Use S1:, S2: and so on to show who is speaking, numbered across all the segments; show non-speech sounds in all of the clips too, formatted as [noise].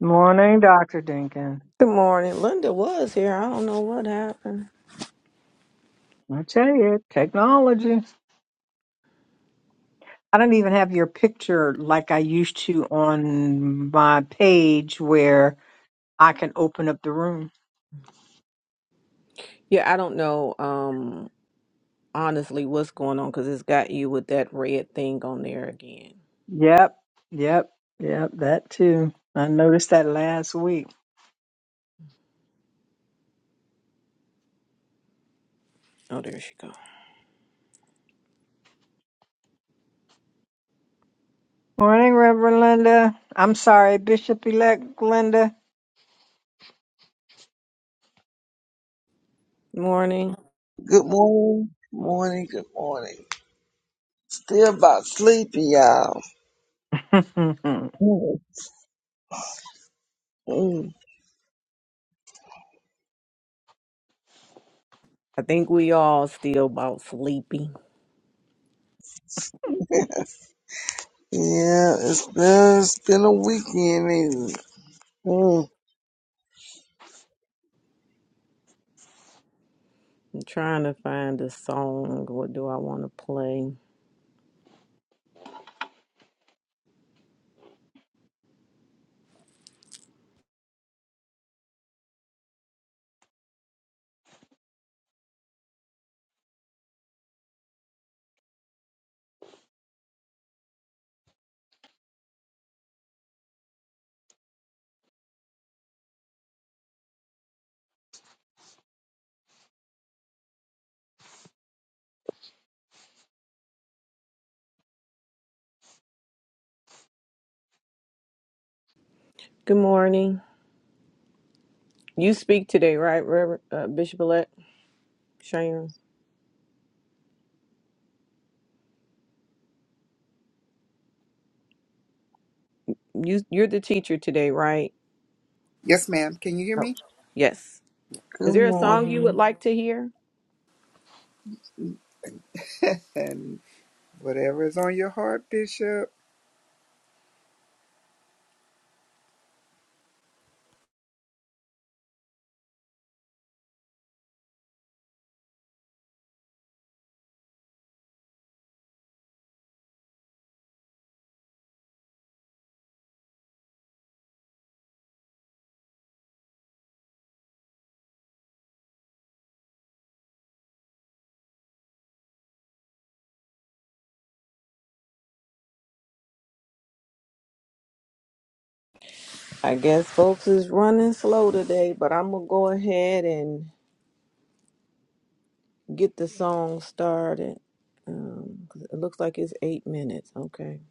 S1: Morning, Dr. Dinkin.
S2: Good morning. Linda was here. I don't know what happened.
S1: I tell you, technology. I don't even have your picture like I used to on my page where I can open up the room.
S2: Yeah, I don't know um honestly what's going on because it's got you with that red thing on there again.
S1: Yep, yep, yep, that too. I noticed that last week.
S2: Oh, there she go.
S1: Morning, Reverend Linda. I'm sorry, Bishop elect Linda.
S2: Morning.
S3: Good morning, good morning, good morning. Still about sleepy, y'all.
S1: [laughs]
S3: Mm, mm.
S2: I think we all still about sleepy.
S3: Yeah, it's been, it's been a weekend. ain't it? Mm,
S2: I'm trying to find a song. What do I want to play? Good morning. You speak today, right, Reverend uh, Bishop Elect Sharon? You you're the teacher today, right?
S4: Yes, ma'am. Can you hear
S2: Oh,
S4: me?
S2: yes. Is
S3: Good
S2: there a song you
S3: morning.
S2: would like to hear?
S4: And whatever is on your heart, Bishop.
S2: I guess folks is running slow today, but I'm gonna go ahead and get the song started. Um, 'cause it looks like it's eight minutes. Okay,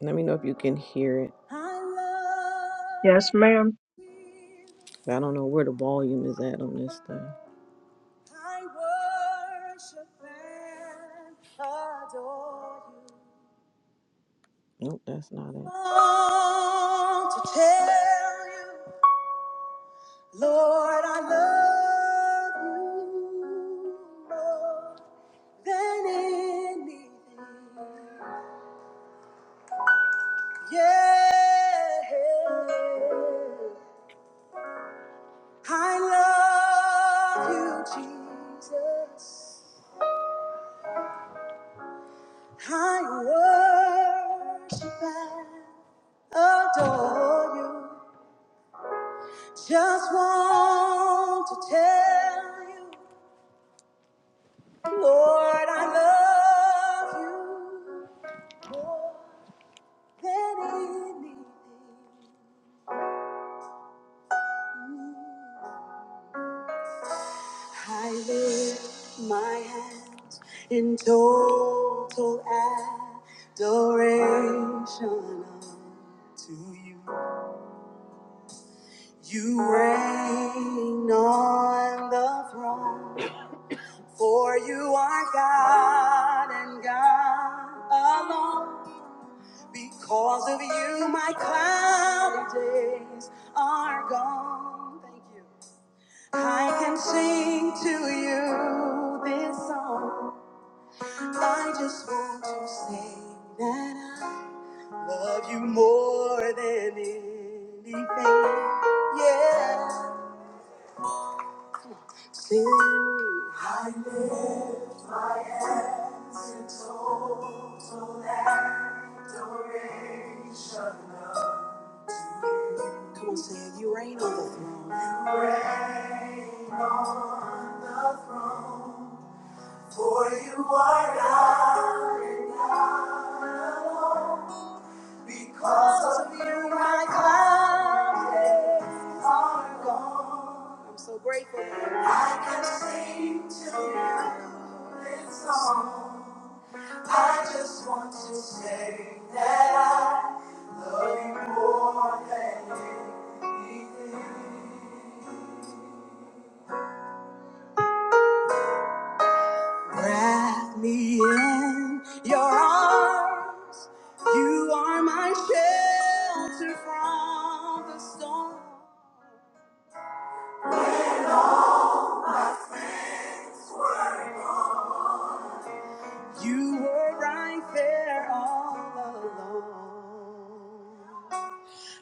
S2: let me know if you can hear it. I
S1: yes,
S2: love
S1: ma'am.
S2: you. I don't know where the volume is at on this thing. I worship and adore you. Nope, that's not it. Long to tell you. Lord, I love you more than anything. Yeah, I love you, Jesus. I worship and adore you. Just want to tell you, Lord, I love you. more. I lift my hands in total adoration to you. You reign on the throne, for you are God and God alone. Because of you, my cloudy days are gone. Thank you. I can sing to you this song. I just want to say that I love you more than anything. Yeah. Sing. I lift my hands in total adoration. Come on, sing. it. You reign on the throne. For you are God, and because of you my clouds are gone. I'm so grateful. I can sing to you this song. I just want to say that I love you more than anything. Wrap me in your arms. You are my shelter from the storm. You were right there all along.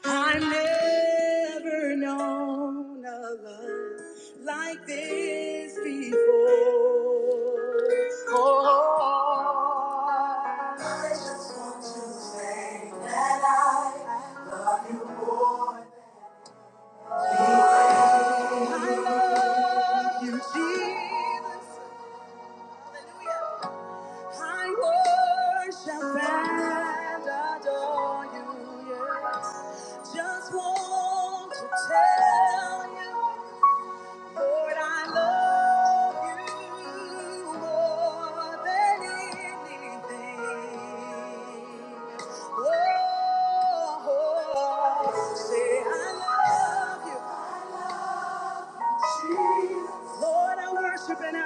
S2: I never known a love like this before. Oh, I just want to say that I love you more. I love you, Jesus. Hallelujah. I worship and adore you, yes. Just want to tell you. Lord, I love you more than anything. Oh, say I love you, Jesus. Lord, I worship and I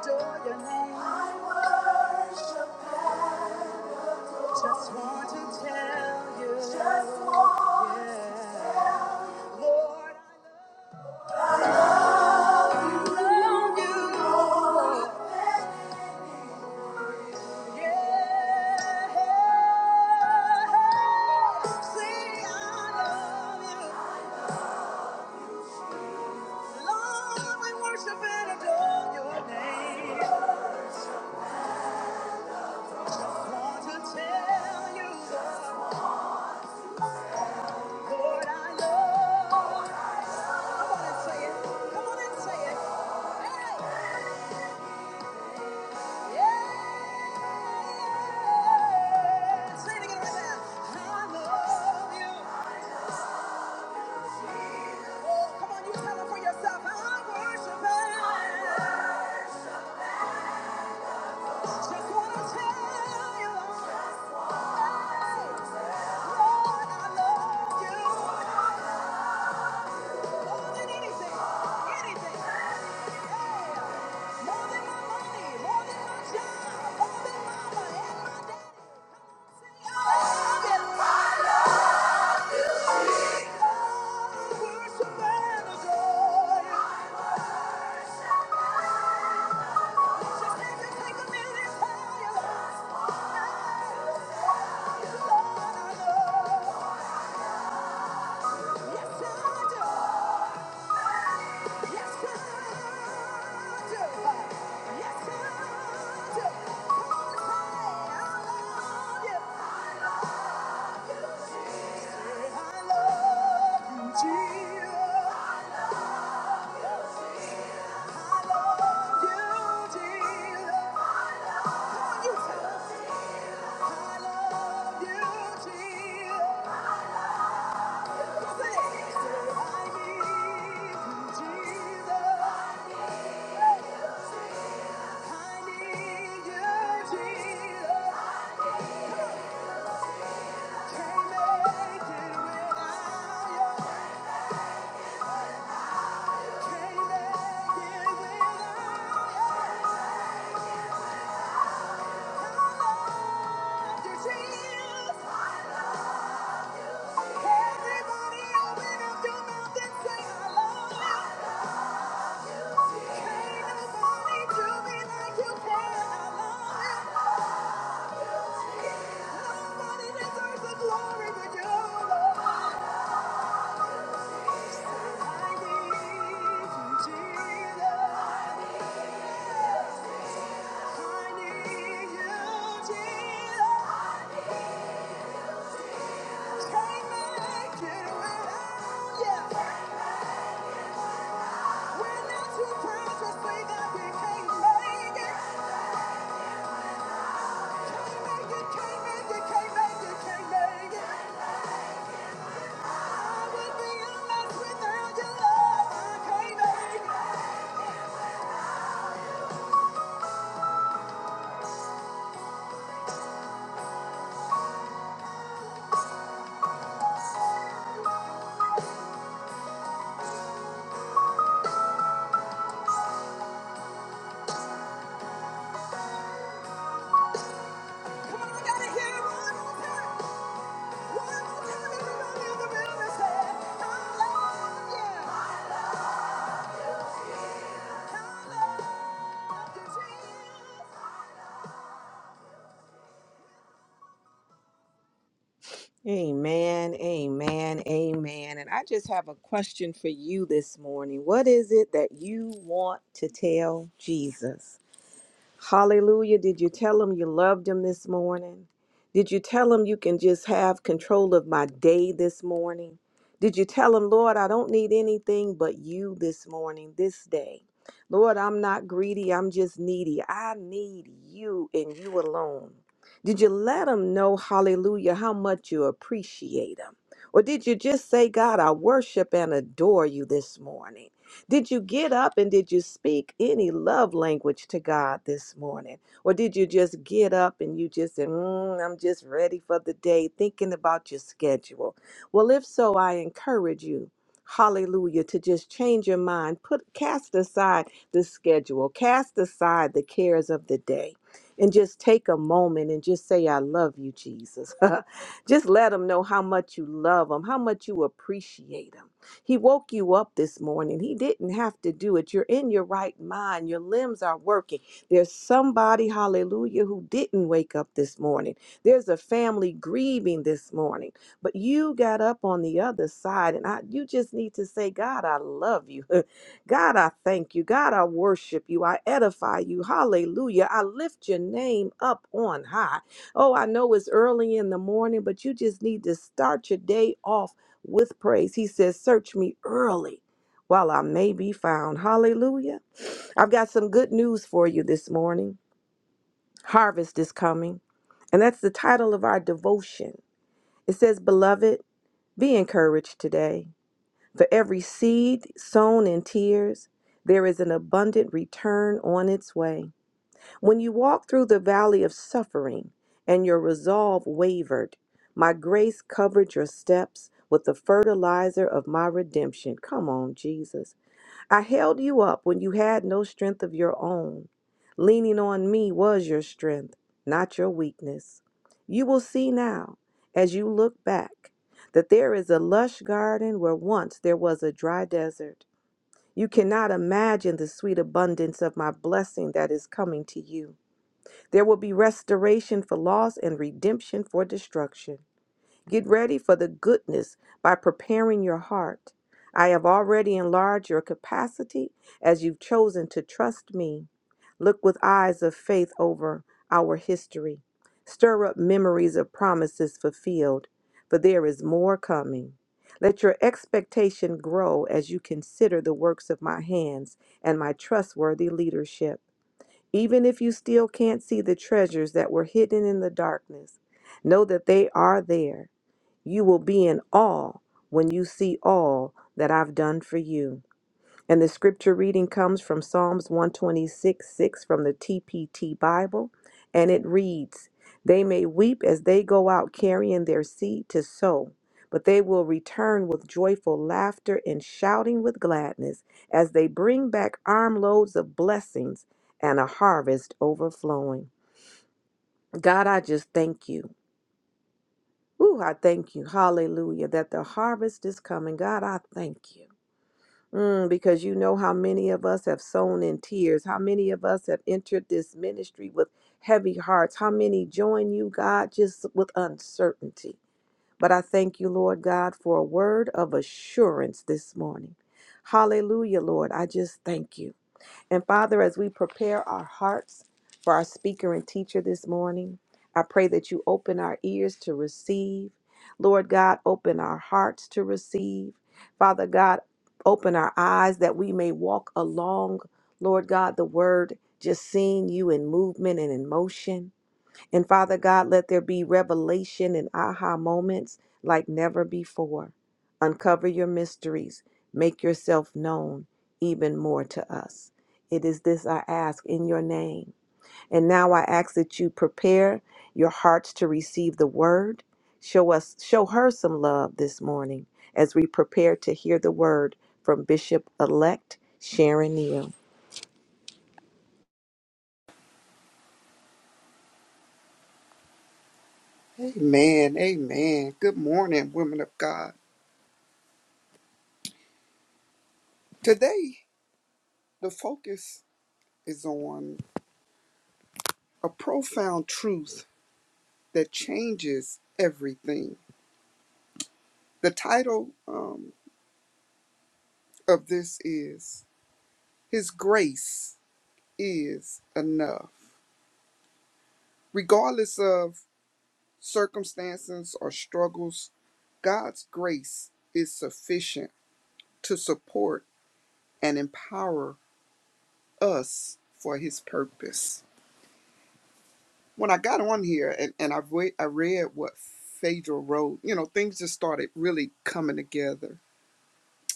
S2: adore your name. I worship just want to tell you. Just want to yeah. tell you. Lord, I love you. Come on and say it. Hey! Lord, I love you. More than anything, anything. Yeah. More than my money, more than my job, more than mama and my daddy. Come on, sing it. Jesus. Nobody deserves the glory but you, Lord. Come on, I gotta hear it one more time. Amen, amen, amen. And I just have a question for you this morning. What is it that you want to tell Jesus? Hallelujah. Did you tell him you loved him this morning? Did you tell him you can just have control of my day this morning? Did you tell him, Lord, I don't need anything but you this morning, this day? Lord, I'm not greedy, I'm just needy. I need you and you alone. Did you let him know, hallelujah, how much you appreciate him? Or did you just say, God, I worship and adore you this morning? Did you get up and did you speak any love language to God this morning? Or did you just get up and you just said, mm, I'm just ready for the day, thinking about your schedule? Well, if so, I encourage you. Hallelujah, to just change your mind, put cast aside the schedule, cast aside the cares of the day, and just take a moment and just say, I love you, Jesus. [laughs] just let them know how much you love them, how much you appreciate them he woke you up this morning. He didn't have to do it. You're in your right mind. Your limbs are working. There's somebody, hallelujah, who didn't wake up this morning. There's a family grieving this morning. But you got up on the other side and I you just need to say, "God, I love you." [laughs] God, I thank you. God, I worship you. I edify you. Hallelujah. I lift your name up on high. Oh, I know it's early in the morning, but you just need to start your day off with praise. He says, Search me early while I may be found. Hallelujah. I've got some good news for you this morning. Harvest is coming. And that's the title of our devotion. It says, Beloved, be encouraged today. For every seed sown in tears, there is an abundant return on its way. When you walked through the valley of suffering and your resolve wavered, my grace covered your steps with the fertilizer of my redemption. Come on, Jesus. I held you up when you had no strength of your own. Leaning on me was your strength, not your weakness. You will see now, as you look back, that there is a lush garden where once there was a dry desert. You cannot imagine the sweet abundance of my blessing that is coming to you. There will be restoration for loss and redemption for destruction. Get ready for the goodness by preparing your heart. I have already enlarged your capacity as you've chosen to trust me. Look with eyes of faith over our history. Stir up memories of promises fulfilled, for there is more coming. Let your expectation grow as you consider the works of my hands and my trustworthy leadership. Even if you still can't see the treasures that were hidden in the darkness, know that they are there. You will be in awe when you see all that I've done for you. And the scripture reading comes from Psalms 126 6 from the TPT Bible. And it reads, They may weep as they go out carrying their seed to sow, but they will return with joyful laughter and shouting with gladness as they bring back armloads of blessings and a harvest overflowing. God, I just thank you. Ooh, I thank you. Hallelujah. That the harvest is coming. God, I thank you. Mm, because you know how many of us have sown in tears, how many of us have entered this ministry with heavy hearts, how many join you, God, just with uncertainty. But I thank you, Lord God, for a word of assurance this morning. Hallelujah, Lord. I just thank you. And Father, as we prepare our hearts for our speaker and teacher this morning, I pray that you open our ears to receive. Lord God, open our hearts to receive. Father God, open our eyes that we may walk along, Lord God, the word, just seeing you in movement and in motion. And Father God, let there be revelation and aha moments like never before. Uncover your mysteries, make yourself known even more to us. It is this I ask in your name. And now I ask that you prepare your hearts to receive the word. Show us show her some love this morning as we prepare to hear the word from Bishop elect Sharon Neal.
S4: Amen. Amen. Good morning, women of God. Today, the focus is on a profound truth that changes everything. The title um, of this is His Grace is Enough. Regardless of circumstances or struggles, God's grace is sufficient to support and empower us for his purpose. When I got on here and, and I, re- I read what Phaedra wrote, you know, things just started really coming together.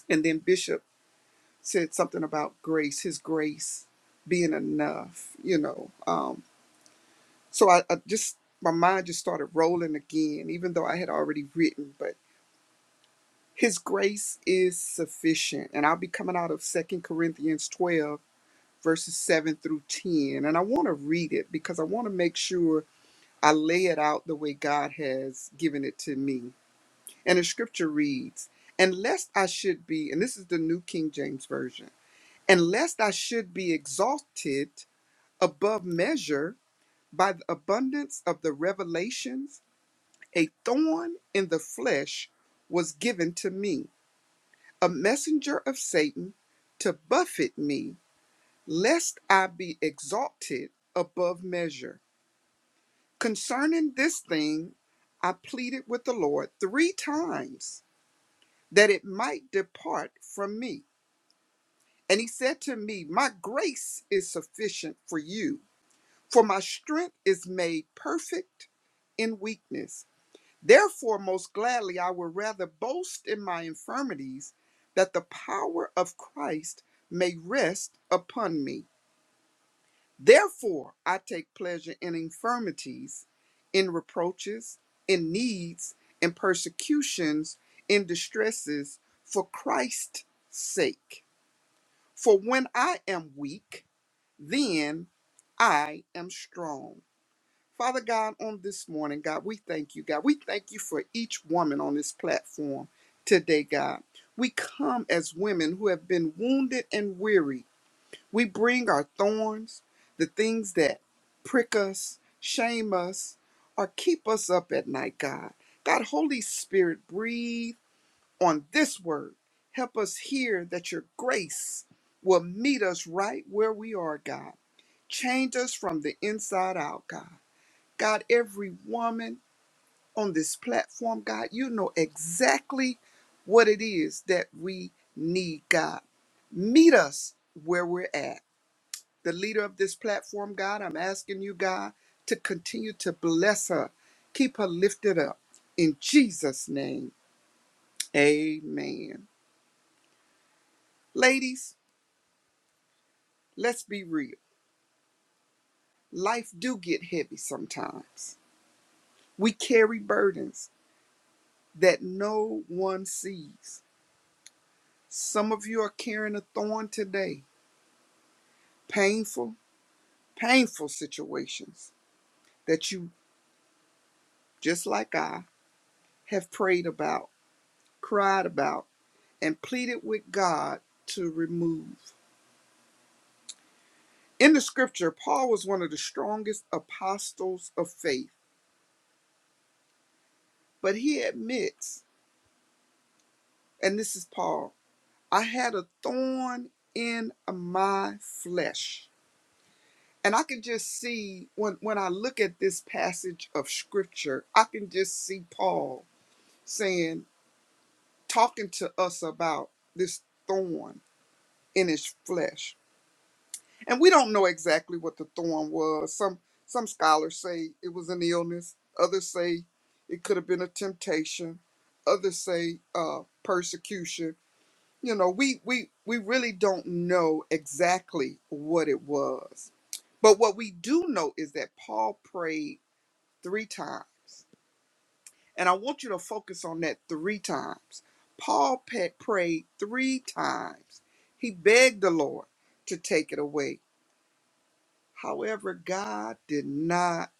S4: And then Bishop said something about grace, his grace being enough, you know. Um, so I, I just, my mind just started rolling again, even though I had already written, but his grace is sufficient. And I'll be coming out of Second Corinthians 12, verses 7 through 10. And I want to read it because I want to make sure I lay it out the way God has given it to me. And the scripture reads, Unless I should be, and this is the New King James Version, unless I should be exalted above measure by the abundance of the revelations, a thorn in the flesh was given to me, a messenger of Satan to buffet me, lest I be exalted above measure. Concerning this thing, I pleaded with the Lord three times that it might depart from me. And he said to me, My grace is sufficient for you, for my strength is made perfect in weakness. Therefore, most gladly, I will rather boast in my infirmities, that the power of Christ may rest upon me. Therefore, I take pleasure in infirmities, in reproaches, in needs, in persecutions, in distresses, for Christ's sake. For when I am weak, then I am strong. Father God, on this morning, God, we thank you, God. We thank you for each woman on this platform today, God. We come as women who have been wounded and weary we bring our thorns, the things that prick us, shame us, or keep us up at night, God. God, Holy Spirit, breathe on this word. Help us hear that your grace will meet us right where we are, God. Change us from the inside out, God. God, every woman on this platform, God, you know exactly what it is that we need, God. Meet us where we're at the leader of this platform, God. I'm asking you, God, to continue to bless her, keep her lifted up. In Jesus' name, amen. Ladies, let's be real. Life do get heavy sometimes. We carry burdens that no one sees. Some of you are carrying a thorn today, painful, painful situations that you, just like I, have prayed about, cried about, and pleaded with God to remove. In the scripture, Paul was one of the strongest apostles of faith, but he admits, and this is Paul, I had a thorn in my flesh. And I can just see when, when I look at this passage of scripture, I can just see Paul saying, talking to us about this thorn in his flesh And we don't know exactly what the thorn was. Some some scholars say it was an illness. Others say it could have been a temptation. Others say uh, persecution. You know, we we we really don't know exactly what it was. But what we do know is that Paul prayed three times. And I want you to focus on that three times. Paul pa- prayed three times. He begged the Lord to take it away. However, God did not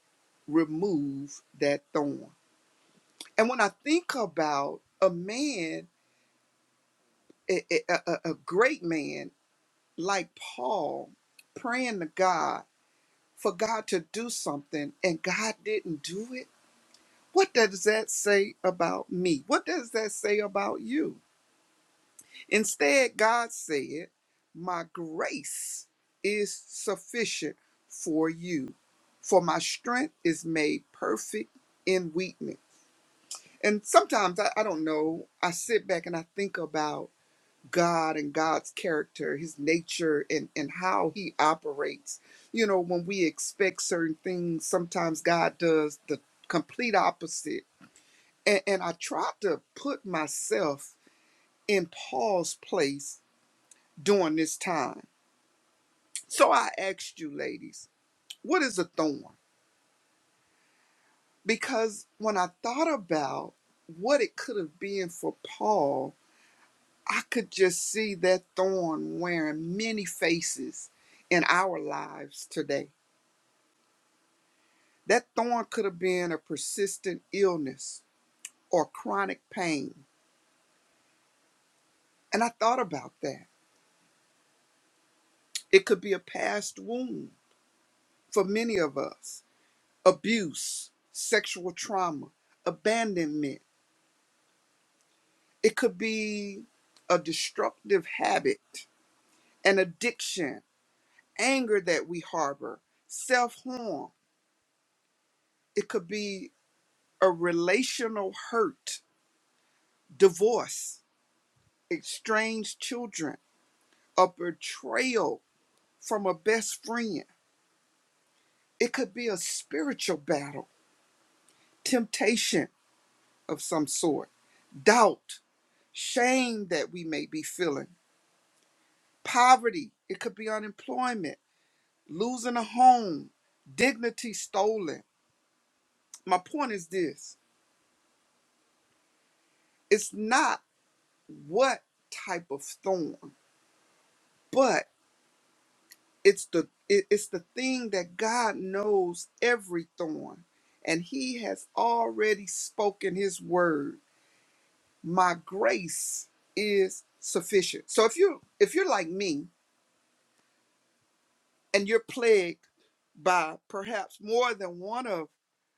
S4: remove that thorn. And when I think about a man, a, a, a a great man like Paul, praying to God for God to do something and God didn't do it, what does that say about me? What does that say about you? Instead, God said, My grace is sufficient for you, for my strength is made perfect in weakness. And sometimes I, I don't know, I sit back and I think about God and God's character, his nature, and, and how he operates. You know, when we expect certain things, sometimes God does the complete opposite. And, and I try to put myself in Paul's place during this time. So I asked you, ladies, what is a thorn? Because when I thought about what it could have been for Paul, I could just see that thorn wearing many faces in our lives today. That thorn could have been a persistent illness or chronic pain. And I thought about that. It could be a past wound for many of us, abuse, sexual trauma, abandonment It could be a destructive habit, an addiction, anger that we harbor, self harm. It could be a relational hurt, divorce, estranged children, a betrayal from a best friend. It could be a spiritual battle, temptation of some sort, doubt, shame that we may be feeling, poverty. It could be unemployment losing a home, dignity stolen. My point is this it's not what type of thorn, but it's the it- it's the thing that God knows every thorn, and He has already spoken His word. My grace is sufficient. So if you if you're like me and you're plagued by perhaps more than one of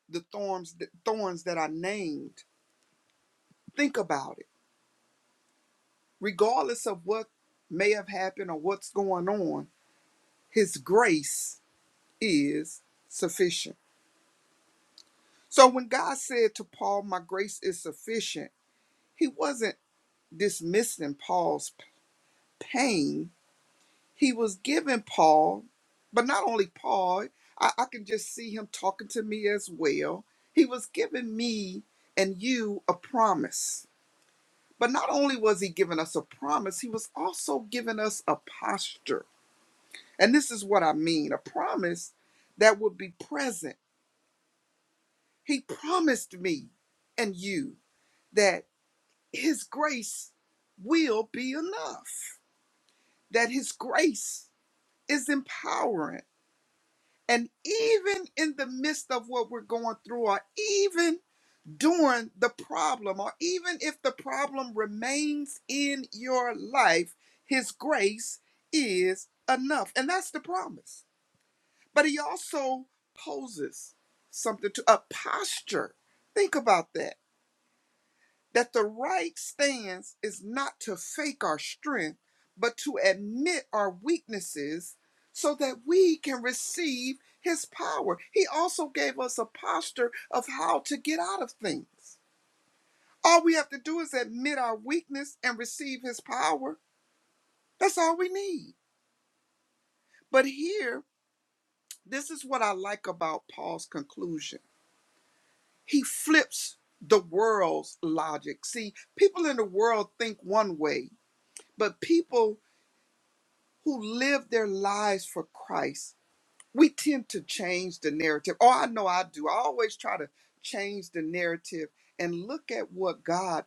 S4: the thorns thorns that I named, think about it regardless of what may have happened or what's going on, his grace is sufficient. So when God said to Paul, My grace is sufficient, he wasn't dismissing Paul's p- pain. He was giving Paul, but not only Paul, I, I can just see him talking to me as well. He was giving me and you a promise. But not only was he giving us a promise, he was also giving us a posture And this is what I mean a promise that would be present. He promised me and you that His grace will be enough, that His grace is empowering. And even in the midst of what we're going through, or even during the problem, or even if the problem remains in your life, His grace is enough. And that's the promise But he also poses something to a posture. Think about that. That the right stance is not to fake our strength, but to admit our weaknesses so that we can receive his power. He also gave us a posture of how to get out of things. All we have to do is admit our weakness and receive his power. That's all we need. But here, this is what I like about Paul's conclusion he flips the world's logic. See, people in the world think one way, but people who live their lives for Christ, we tend to change the narrative. Oh, I know I do. I always try to change the narrative and look at what God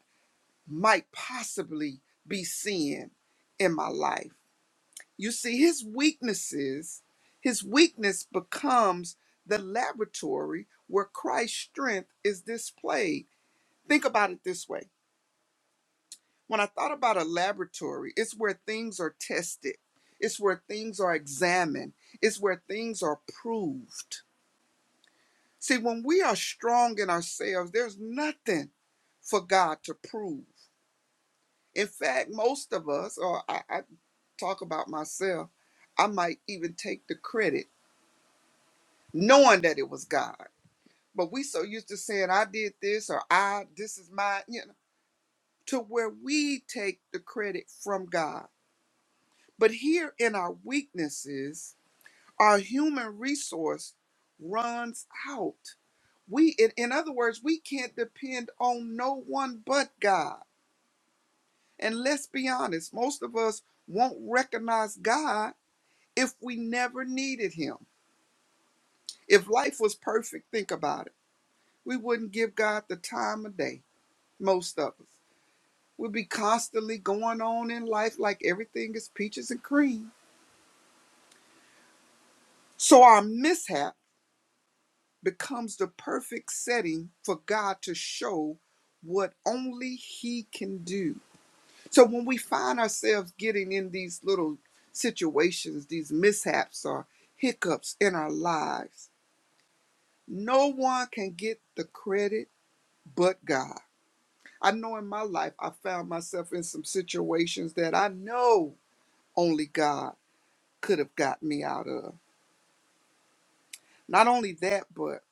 S4: might possibly be seeing in my life. You see, his weaknesses, his weakness becomes the laboratory where Christ's strength is displayed. Think about it this way When I thought about a laboratory, it's where things are tested, it's where things are examined, it's where things are proved. See, when we are strong in ourselves, there's nothing for God to prove. In fact, most of us, or I, I talk about myself, I might even take the credit knowing that it was God. But we so used to saying, I did this or I, this is my, you know, to where we take the credit from God But here in our weaknesses, our human resource runs out. We, in, in other words, we can't depend on no one but God. And let's be honest, most of us won't recognize God if we never needed Him. If life was perfect, think about it. We wouldn't give God the time of day, most of us. We'd be constantly going on in life like everything is peaches and cream. So our mishap becomes the perfect setting for God to show what only He can do. So when we find ourselves getting in these little situations, these mishaps or hiccups in our lives, no one can get the credit but God. I know in my life I found myself in some situations that I know only God could have got me out of. Not only that, but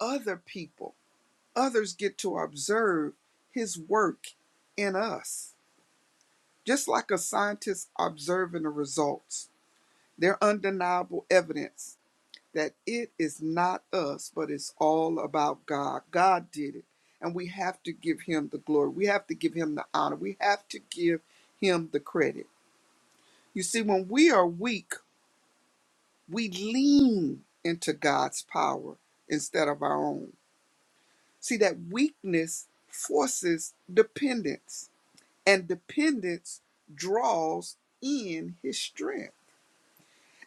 S4: other people others get to observe his work in us. Just like a scientist observing the results, they're undeniable evidence that it is not us, but it's all about God. God did it. And we have to give him the glory. We have to give him the honor. We have to give him the credit. You see, when we are weak, we lean into God's power instead of our own. See, that weakness forces dependence and dependence draws in his strength.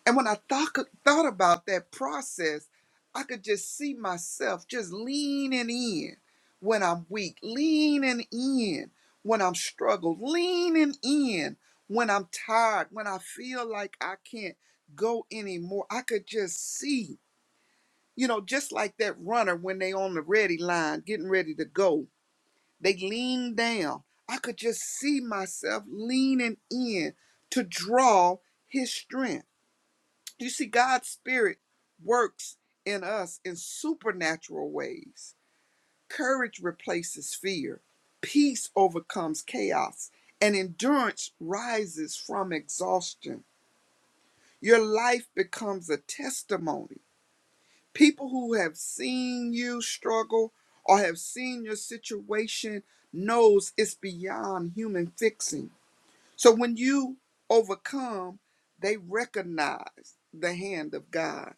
S4: And when I thought, thought about that process, I could just see myself just leaning in when I'm weak, leaning in when I'm struggled, leaning in when I'm tired, when I feel like I can't go anymore. I could just see, you know, just like that runner when they on the ready line getting ready to go they leaned down. I could just see myself leaning in to draw his strength. You see, God's Spirit works in us in supernatural ways. Courage replaces fear, peace overcomes chaos, and endurance rises from exhaustion. Your life becomes a testimony people who have seen you struggle or have seen your situation knows it's beyond human fixing so when you overcome they recognize the hand of god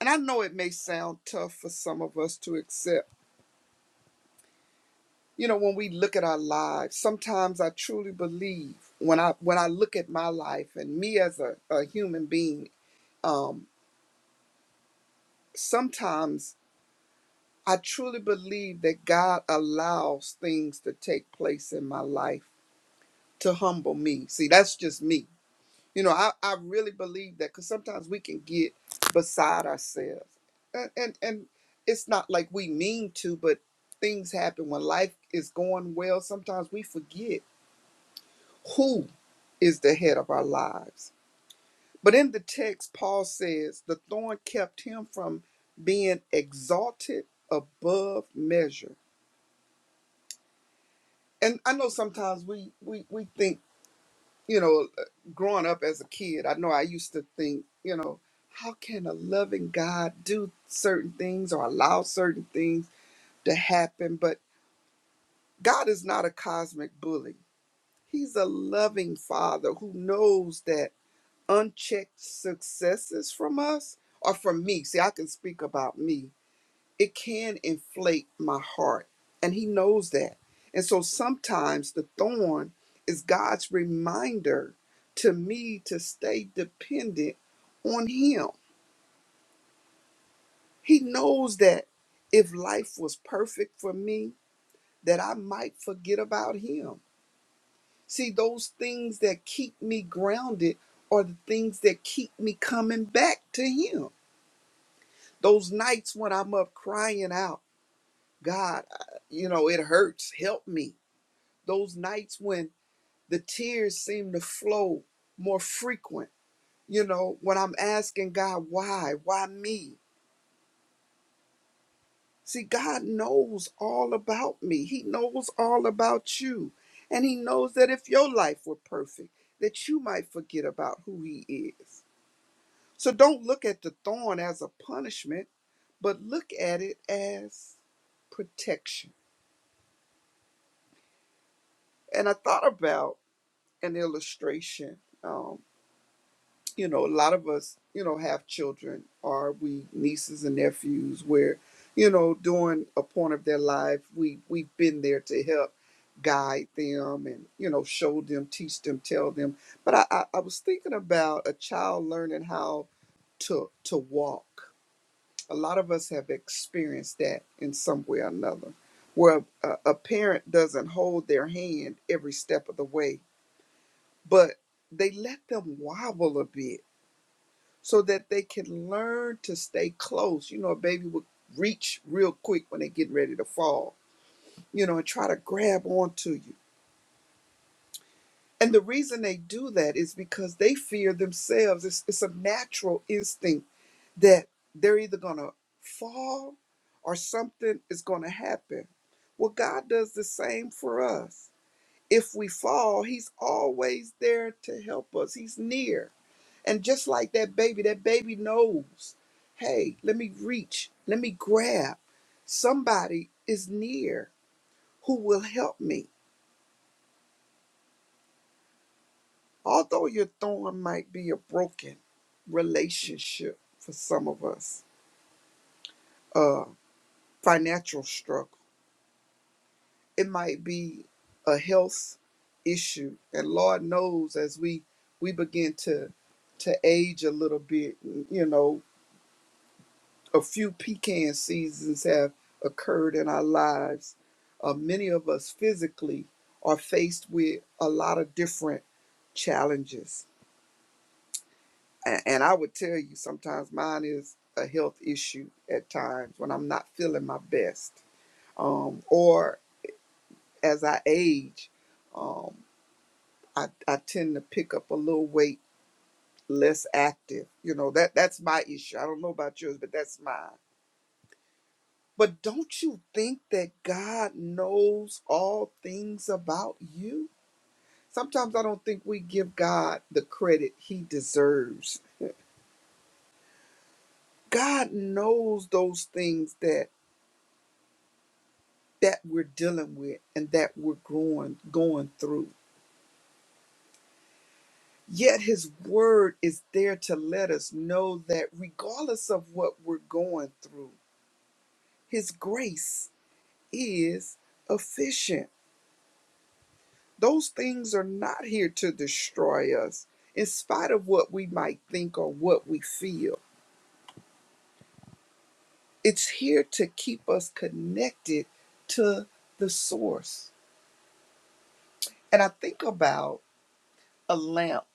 S4: and i know it may sound tough for some of us to accept you know when we look at our lives sometimes i truly believe when i when i look at my life and me as a, a human being um sometimes I truly believe that God allows things to take place in my life to humble me. See, that's just me. You know, I, I really believe that because sometimes we can get beside ourselves. And, and and it's not like we mean to, but things happen when life is going well. Sometimes we forget who is the head of our lives. But in the text, Paul says the thorn kept him from being exalted above measure and I know sometimes we we we think, you know, uh, growing up as a kid, I know I used to think, you know, how can a loving God do certain things or allow certain things to happen? But God is not a cosmic bully. He's a loving father who knows that unchecked successes from us or from me. See, I can speak about me it can inflate my heart. And he knows that. And so sometimes the thorn is God's reminder to me to stay dependent on him. He knows that if life was perfect for me, that I might forget about him. See, those things that keep me grounded are the things that keep me coming back to him. Those nights when I'm up crying out, God, I- you know, it hurts, help me those nights when the tears seem to flow more frequent, you know, when I'm asking God, why? Why me? See, God knows all about me. He knows all about you. And He knows that if your life were perfect, that you might forget about who He is. So don't look at the thorn as a punishment, but look at it as protection. And I thought about an illustration. Um, you know, a lot of us, you know, have children or we nieces and nephews where, you know, during a point of their life, we we've been there to help guide them and, you know, show them, teach them, tell them. But I, I, I was thinking about a child learning how to to walk. A lot of us have experienced that in some way or another, where a, a parent doesn't hold their hand every step of the way, but they let them wobble a bit so that they can learn to stay close. You know, a baby will reach real quick when they get ready to fall, you know, and try to grab onto you. And the reason they do that is because they fear themselves. It's, it's a natural instinct that they're either going to fall or something is going to happen. Well, God does the same for us. If we fall, He's always there to help us, He's near. And just like that baby, that baby knows, hey, let me reach, let me grab. Somebody is near who will help me. Although your thorn might be a broken relationship for some of us, uh, financial struggle, it might be a health issue. And Lord knows as we we begin to to age a little bit, you know, A few pecan seasons have occurred in our lives. Uh, many of us physically are faced with a lot of different challenges. And, and I would tell you, sometimes mine is a health issue at times when I'm not feeling my best. Um, or as I age, um, I, I tend to pick up a little weight less active. You know, that that's my issue. I don't know about yours, but that's mine. But don't you think that God knows all things about you? Sometimes I don't think we give God the credit he deserves. God knows those things that that we're dealing with and that we're going going through. Yet his word is there to let us know that regardless of what we're going through, his grace is efficient. Those things are not here to destroy us, in spite of what we might think or what we feel. It's here to keep us connected to the source. And I think about a lamp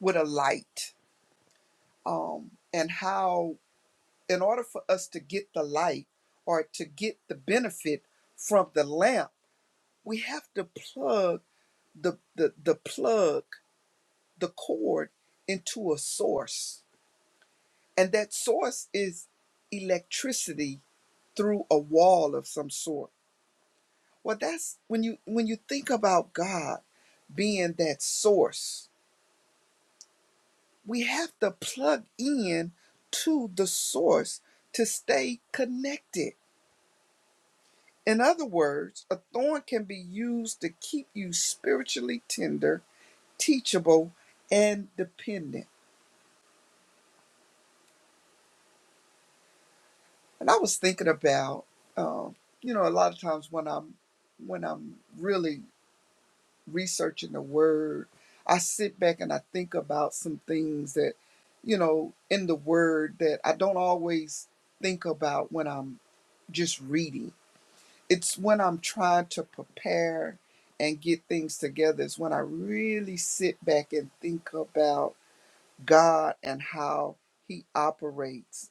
S4: with a light, um, and how, in order for us to get the light or to get the benefit from the lamp, we have to plug the, the, the plug, the cord into a source And that source is electricity through a wall of some sort. Well, that's when you when you think about God being that source, we have to plug in to the source to stay connected. In other words, a thorn can be used to keep you spiritually tender, teachable, and dependent. And I was thinking about, um, you know, a lot of times when I'm when I'm really researching the word, I sit back and I think about some things that, you know, in the word that I don't always think about when I'm just reading. It's when I'm trying to prepare and get things together, is when I really sit back and think about God and how He operates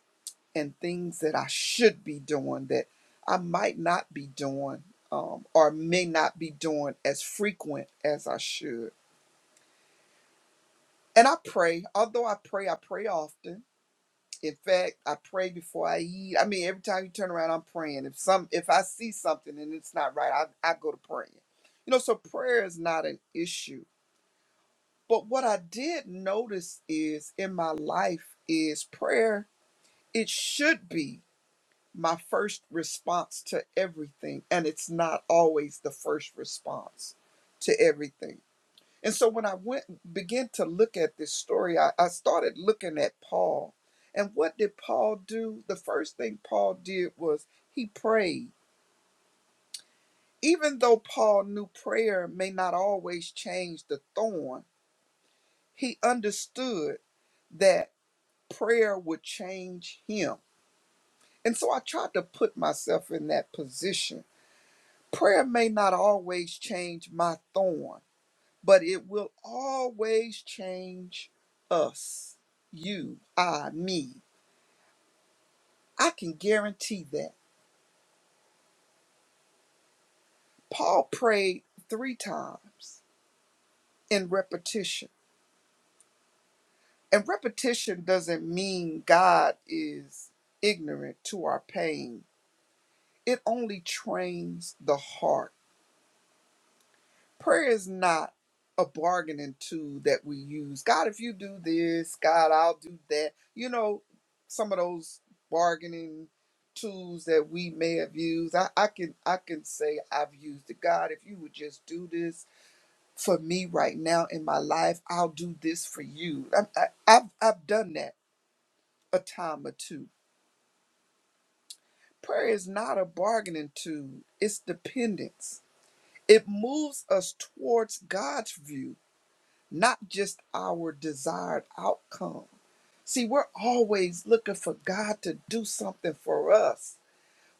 S4: and things that I should be doing that I might not be doing um, or may not be doing as frequent as I should And I pray, although I pray, I pray often. In fact, I pray before I eat. I mean, every time you turn around, I'm praying. If some, if I see something and it's not right, I, I go to praying. You know, so prayer is not an issue. But what I did notice is in my life is prayer. It should be my first response to everything, and it's not always the first response to everything and so when I went began to look at this story, I, I started looking at Paul. And what did Paul do? The first thing Paul did was he prayed. Even though Paul knew prayer may not always change the thorn, he understood that prayer would change him. And so I tried to put myself in that position. Prayer may not always change my thorn but it will always change us, you, I, me. I can guarantee that. Paul prayed three times in repetition. And repetition doesn't mean God is ignorant to our pain, it only trains the heart prayer is not a bargaining tool that we use. God, if you do this, God, I'll do that. You know, some of those bargaining tools that we may have used. I, I can I can say I've used it. God, if you would just do this for me right now in my life, I'll do this for you. I, I, I've I've done that a time or two. Prayer is not a bargaining tool. It's dependence. It moves us towards God's view not just our desired outcome. See, we're always looking for God to do something for us,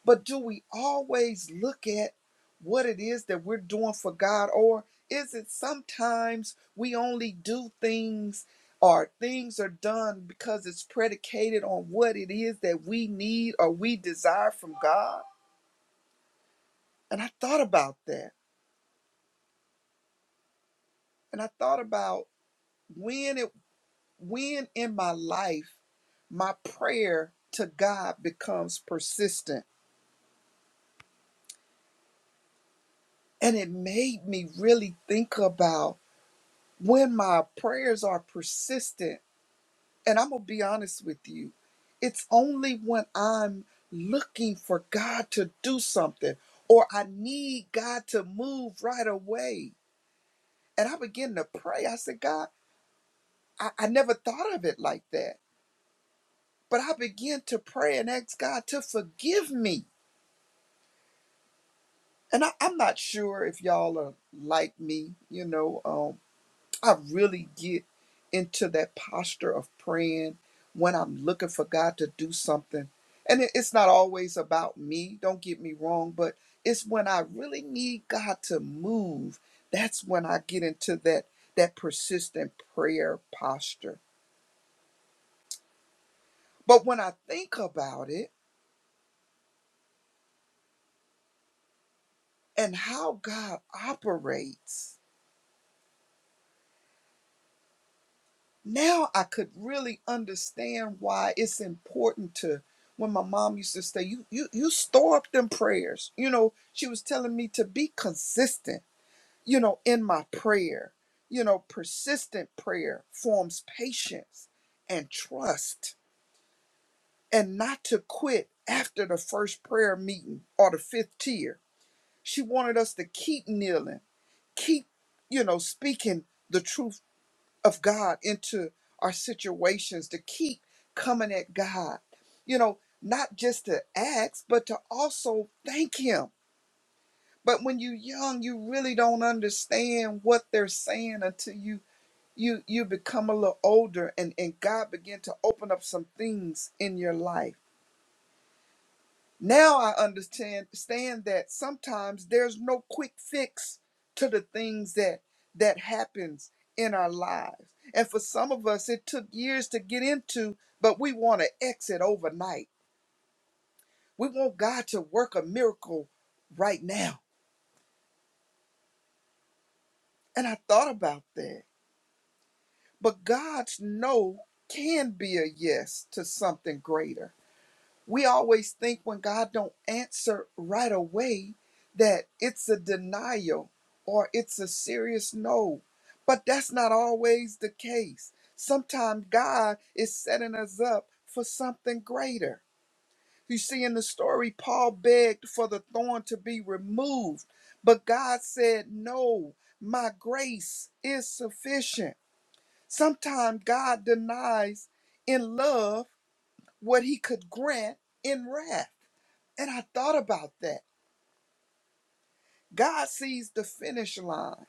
S4: but do we always look at what it is that we're doing for God, or is it sometimes we only do things or things are done because it's predicated on what it is that we need or we desire from God? And I thought about that, and I thought about when it when in my life my prayer to God becomes persistent. And it made me really think about when my prayers are persistent. And I'm going to be honest with you, it's only when I'm looking for God to do something or I need God to move right away. And I begin to pray. I said, God, I, I never thought of it like that. But I begin to pray and ask God to forgive me and I, I'm not sure if y'all are like me, you know, um, I really get into that posture of praying when I'm looking for God to do something. And it- it's not always about me, don't get me wrong, but it's when I really need God to move, that's when I get into that that persistent prayer posture. But when I think about it and how God operates, now I could really understand why it's important to when my mom used to say, you, you, you store up them prayers. You know, she was telling me to be consistent, you know, in my prayer. You know, persistent prayer forms patience and trust and not to quit after the first prayer meeting or the fifth tier. She wanted us to keep kneeling, keep, you know, speaking the truth of God into our situations to keep coming at God. You know, not just to ask, but to also thank Him. But when you're young, you really don't understand what they're saying until you you you become a little older and and God begin to open up some things in your life. Now I understand stand that sometimes there's no quick fix to the things that that happens in our lives. And for some of us it took years to get into, but we want to exit overnight. We want God to work a miracle right now. And I thought about that. But God's no can be a yes to something greater. we always think when God don't answer right away that it's a denial or it's a serious no. But that's not always the case. Sometimes God is setting us up for something greater. You see, in the story, Paul begged for the thorn to be removed, but God said, No, my grace is sufficient. Sometimes God denies in love what he could grant in wrath. And I thought about that. God sees the finish line,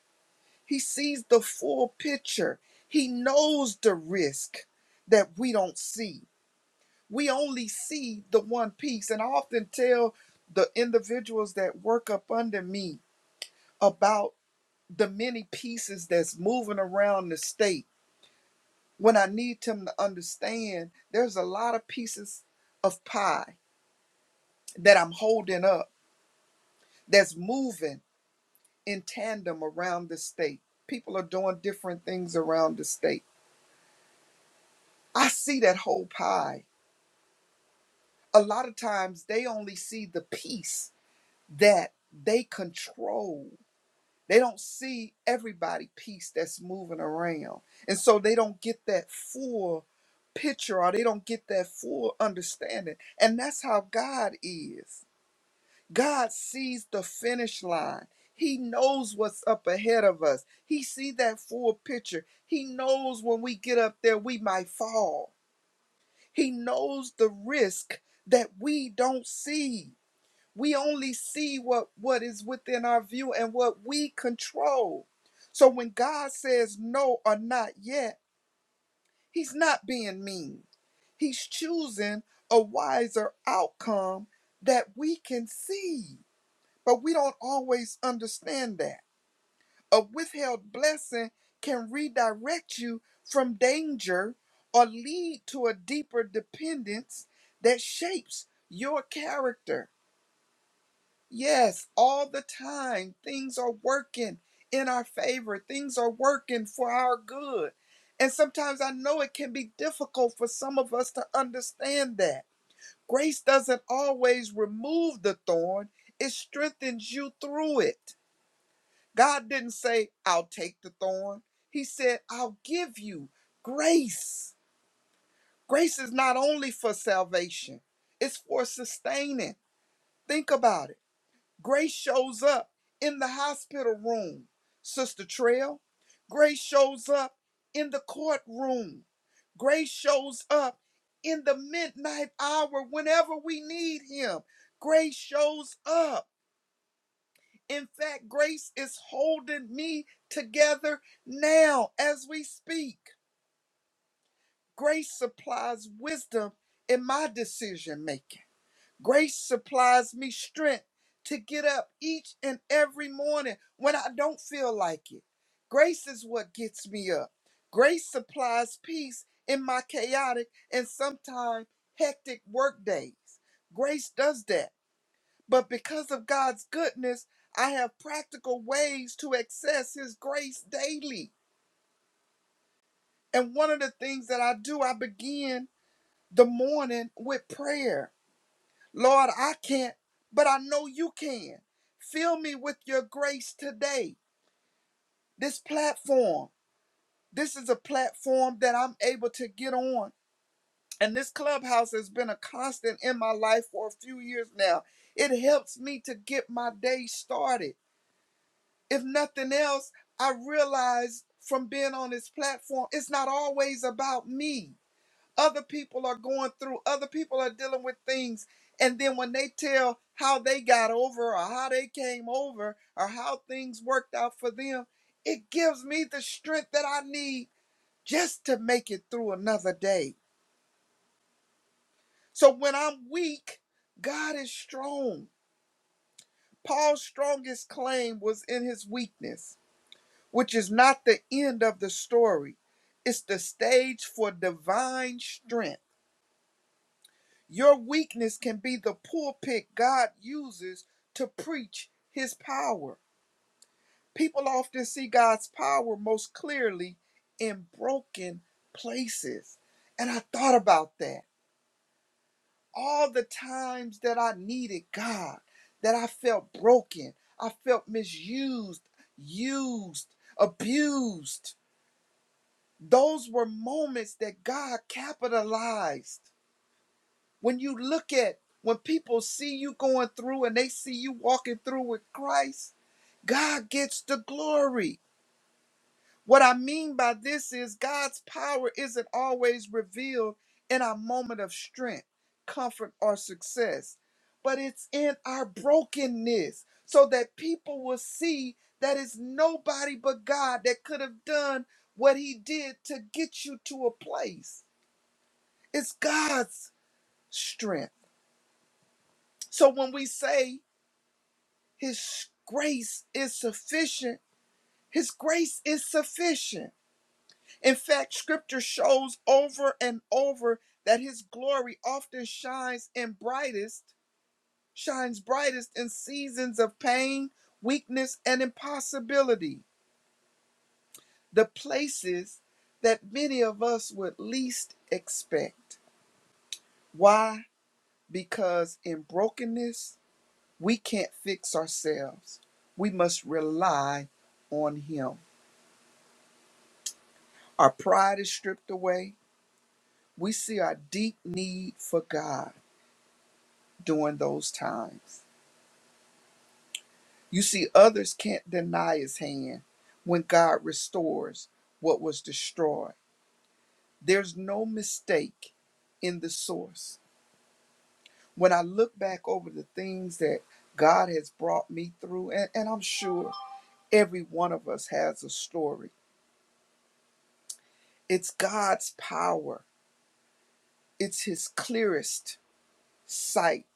S4: He sees the full picture. He knows the risk that we don't see. We only see the one piece. And I often tell the individuals that work up under me about the many pieces that's moving around the state when I need them to understand there's a lot of pieces of pie that I'm holding up that's moving in tandem around the state. People are doing different things around the state. I see that whole pie. A lot of times they only see the piece that they control. They don't see everybody piece that's moving around. And so they don't get that full picture or they don't get that full understanding. And that's how God is. God sees the finish line. He knows what's up ahead of us. He sees that full picture. He knows when we get up there we might fall. He knows the risk that we don't see. We only see what what is within our view and what we control. So when God says no or not yet, he's not being mean. He's choosing a wiser outcome that we can see. But we don't always understand that. A withheld blessing can redirect you from danger or lead to a deeper dependence that shapes your character. Yes, all the time, things are working in our favor, things are working for our good. And sometimes I know it can be difficult for some of us to understand that. Grace doesn't always remove the thorn, it strengthens you through it. God didn't say, I'll take the thorn. He said, I'll give you grace. Grace is not only for salvation, it's for sustaining. Think about it. Grace shows up in the hospital room, Sister Trail. Grace shows up in the courtroom. Grace shows up in the midnight hour whenever we need Him. Grace shows up. In fact, grace is holding me together now as we speak. Grace supplies wisdom in my decision making. Grace supplies me strength to get up each and every morning when I don't feel like it. Grace is what gets me up. Grace supplies peace in my chaotic and sometimes hectic work days. Grace does that. But because of God's goodness, I have practical ways to access His grace daily. And one of the things that I do, I begin the morning with prayer. Lord, I can't, but I know you can. Fill me with your grace today. This platform, this is a platform that I'm able to get on. And this clubhouse has been a constant in my life for a few years now. It helps me to get my day started. if nothing else, I realized from being on this platform, it's not always about me. Other people are going through, other people are dealing with things. And then when they tell how they got over or how they came over or how things worked out for them, it gives me the strength that I need just to make it through another day. So when I'm weak, God is strong. Paul's strongest claim was in his weakness. which is not the end of the story. It's the stage for divine strength. Your weakness can be the pulpit God uses to preach his power. People often see God's power most clearly in broken places. And I thought about that. All the times that I needed God, that I felt broken, I felt misused, used, abused. Those were moments that God capitalized. When you look at when people see you going through and they see you walking through with Christ, God gets the glory. What I mean by this is God's power isn't always revealed in our moment of strength, comfort, or success, but it's in our brokenness so that people will see that it's nobody but God that could have done what he did to get you to a place. It's God's strength. So when we say His grace is sufficient, His grace is sufficient. In fact, Scripture shows over and over that His glory often shines in brightest, shines brightest in seasons of pain, weakness, and impossibility, the places that many of us would least expect. Why? Because in brokenness, We can't fix ourselves. We must rely on Him. Our pride is stripped away. We see our deep need for God during those times. You see, others can't deny His hand when God restores what was destroyed. There's no mistake in the source. When I look back over the things that God has brought me through, and, and I'm sure every one of us has a story, it's God's power It's His clearest sight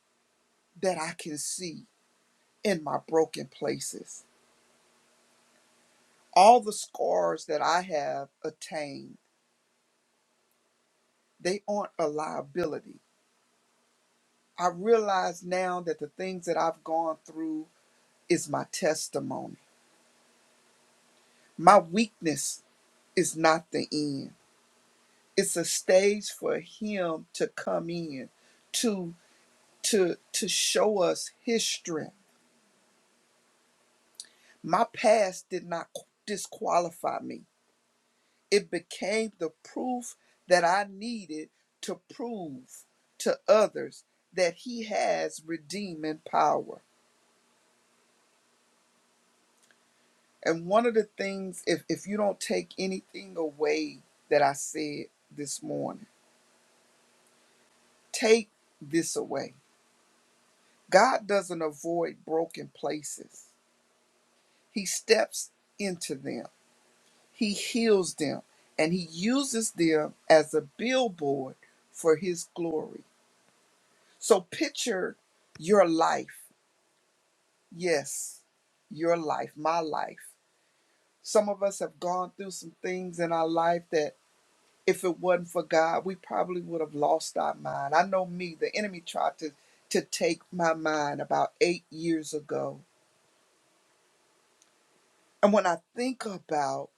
S4: that I can see in my broken places. All the scars that I have attained, they aren't a liability. I realize now that the things that I've gone through is my testimony. My weakness is not the end. It's a stage for him to come in to to to show us his strength. My past did not disqualify me. It became the proof that I needed to prove to others that He has redeeming power. And one of the things, if, if you don't take anything away that I said this morning, take this away. God doesn't avoid broken places, He steps into them, He heals them, and He uses them as a billboard for His glory. So picture your life Yes, your life, my life. Some of us have gone through some things in our life that if it wasn't for God, we probably would have lost our mind. I know me, the enemy tried to, to take my mind about eight years ago. And when I think about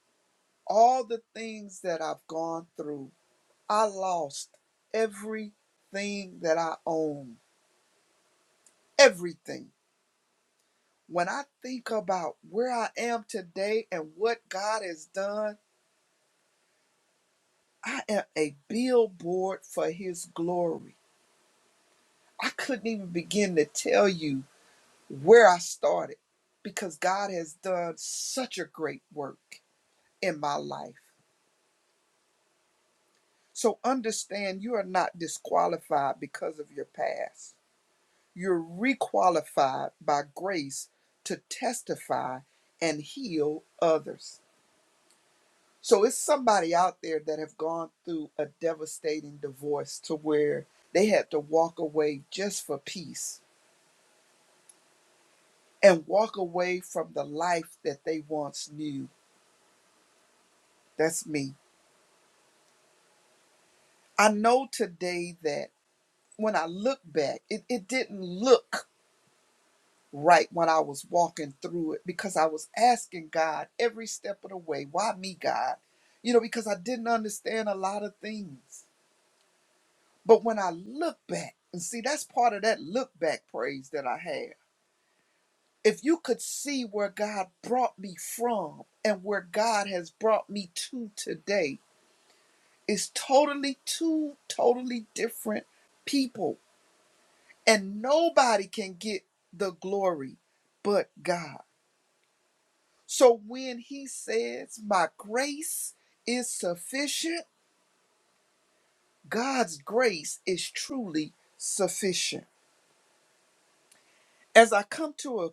S4: all the things that I've gone through, I lost everything that I own. Everything. When I think about where I am today and what God has done, I am a billboard for his glory. I couldn't even begin to tell you where I started because God has done such a great work in my life. So understand you are not disqualified because of your past. You're requalified by grace to testify and heal others. So it's somebody out there that have gone through a devastating divorce to where they had to walk away just for peace and walk away from the life that they once knew. That's me. I know today that when I look back, it, it didn't look right when I was walking through it because I was asking God every step of the way, why me, God? You know, because I didn't understand a lot of things. But when I look back, and see, that's part of that look back praise that I have. If you could see where God brought me from and where God has brought me to today, It's totally two totally different people, and nobody can get the glory but God. So when He says, My grace is sufficient, God's grace is truly sufficient. As I come to a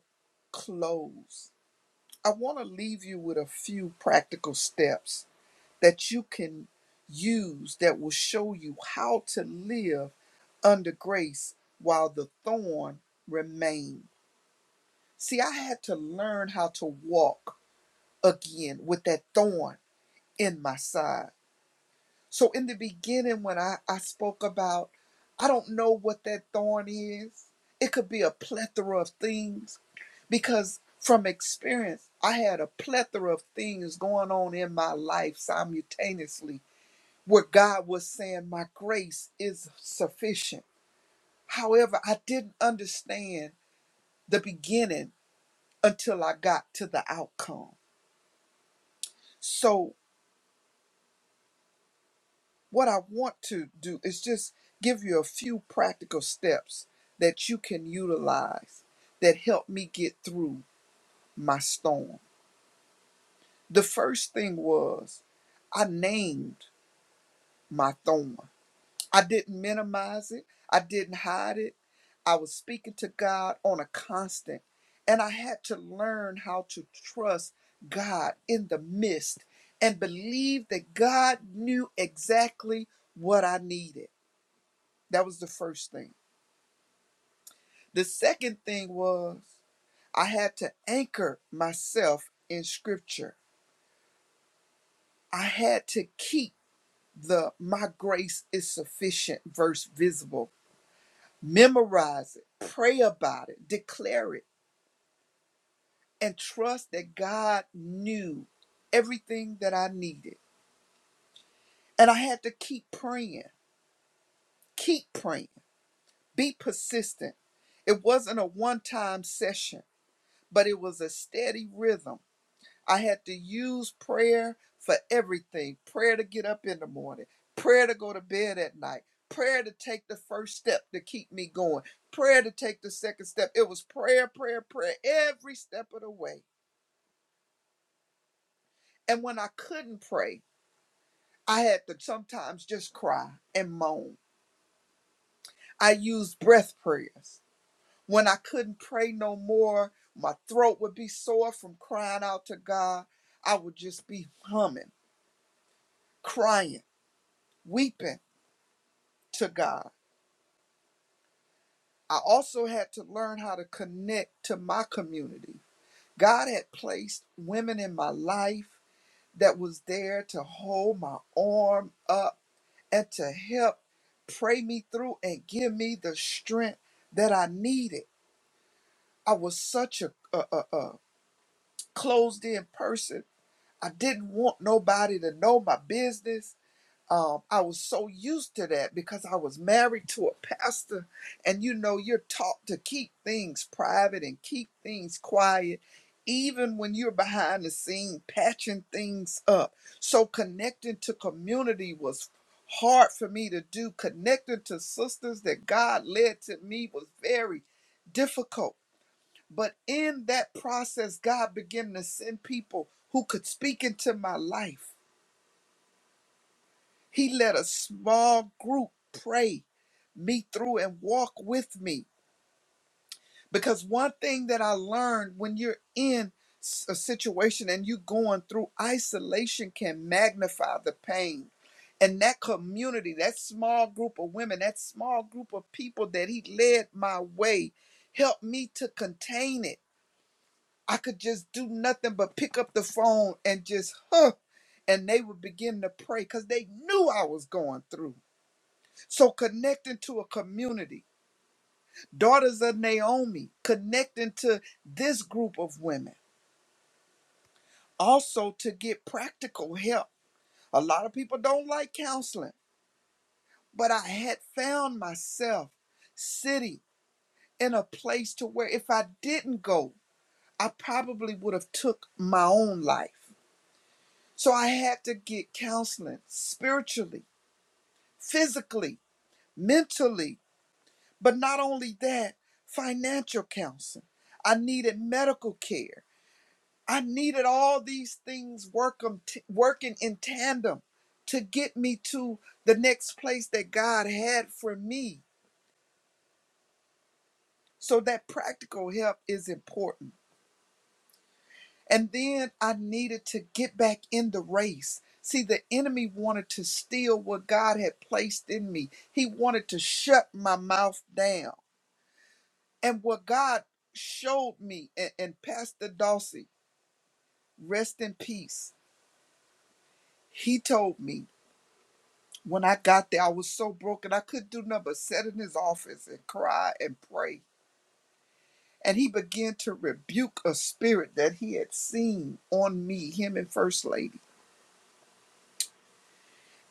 S4: close, I want to leave you with a few practical steps that you can use that will show you how to live under grace while the thorn remained. See, I had to learn how to walk again with that thorn in my side. So, in the beginning, when I, I spoke about, I don't know what that thorn is, it could be a plethora of things because from experience, I had a plethora of things going on in my life simultaneously where God was saying, My grace is sufficient. However, I didn't understand the beginning until I got to the outcome. So, what I want to do is just give you a few practical steps that you can utilize that helped me get through my storm. The first thing was I named my thorn. I didn't minimize it, I didn't hide it, I was speaking to God on a constant, and I had to learn how to trust God in the midst and believe that God knew exactly what I needed. That was the first thing. The second thing was I had to anchor myself in scripture. I had to keep the my grace is sufficient verse visible. Memorize it, pray about it, declare it and trust that God knew everything that I needed. And I had to keep praying, keep praying, be persistent. It wasn't a one time session, but it was a steady rhythm. I had to use prayer for everything prayer to get up in the morning, prayer to go to bed at night, prayer to take the first step to keep me going, prayer to take the second step. It was prayer, prayer, prayer every step of the way. And when I couldn't pray, I had to sometimes just cry and moan. I used breath prayers. When I couldn't pray no more, my throat would be sore from crying out to God. I would just be humming, crying, weeping to God. I also had to learn how to connect to my community. God had placed women in my life that was there to hold my arm up and to help pray me through and give me the strength that I needed. I was such a, a, a, a closed in person. I didn't want nobody to know my business. Um, I was so used to that because I was married to a pastor, and you know, you're taught to keep things private and keep things quiet, even when you're behind the scene patching things up. So, connecting to community was hard for me to do. Connecting to sisters that God led to me was very difficult but in that process, God began to send people who could speak into my life. He let a small group pray me through and walk with me. Because one thing that I learned when you're in s- a situation and you're going through isolation can magnify the pain. And that community, that small group of women, that small group of people that he led my way helped me to contain it I could just do nothing but pick up the phone and just, huh. And they would begin to pray because they knew I was going through. So connecting to a community, daughters of Naomi, connecting to this group of women, also to get practical help. A lot of people don't like counseling, but I had found myself sitting in a place to where if I didn't go, I probably would have took my own life. So I had to get counseling spiritually, physically, mentally, but not only that, financial counseling. I needed medical care. I needed all these things working, working in tandem to get me to the next place that God had for me. So that practical help is important. And then I needed to get back in the race. See, the enemy wanted to steal what God had placed in me, he wanted to shut my mouth down. And what God showed me, and, and Pastor Dawsey, rest in peace, he told me when I got there, I was so broken, I couldn't do nothing but sit in his office and cry and pray. And he began to rebuke a spirit that he had seen on me, him and First Lady.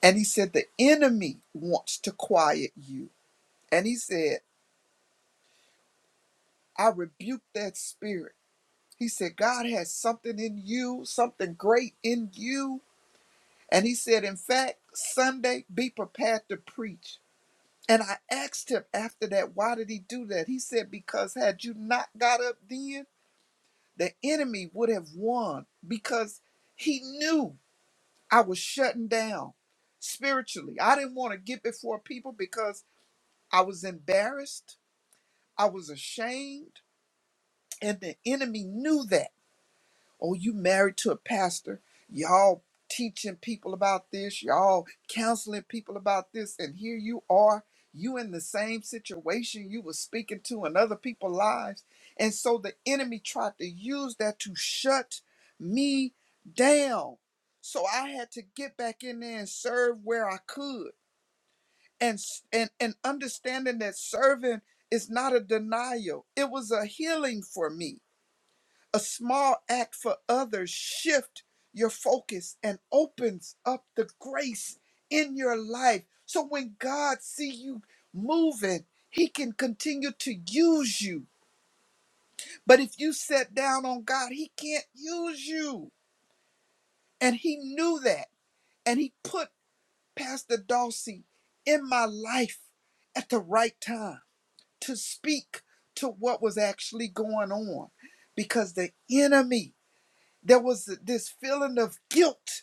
S4: And he said, The enemy wants to quiet you. And he said, I rebuke that spirit. He said, God has something in you, something great in you. And he said, In fact, Sunday, be prepared to preach. And I asked him after that, why did he do that? He said, Because had you not got up then, the enemy would have won because he knew I was shutting down spiritually. I didn't want to get before people because I was embarrassed. I was ashamed, and the enemy knew that. Oh, you married to a pastor. Y'all teaching people about this. Y'all counseling people about this. And here you are. You in the same situation you were speaking to in other people's lives. And so the enemy tried to use that to shut me down. So I had to get back in there and serve where I could and s- and and understanding that serving is not a denial it was a healing for me a small act for others shift your focus and opens up the grace in your life so when god see you moving he can continue to use you but if you set down on god he can't use you and he knew that and he put pastor dawsey in my life at the right time to speak to what was actually going on because the enemy, there was this feeling of guilt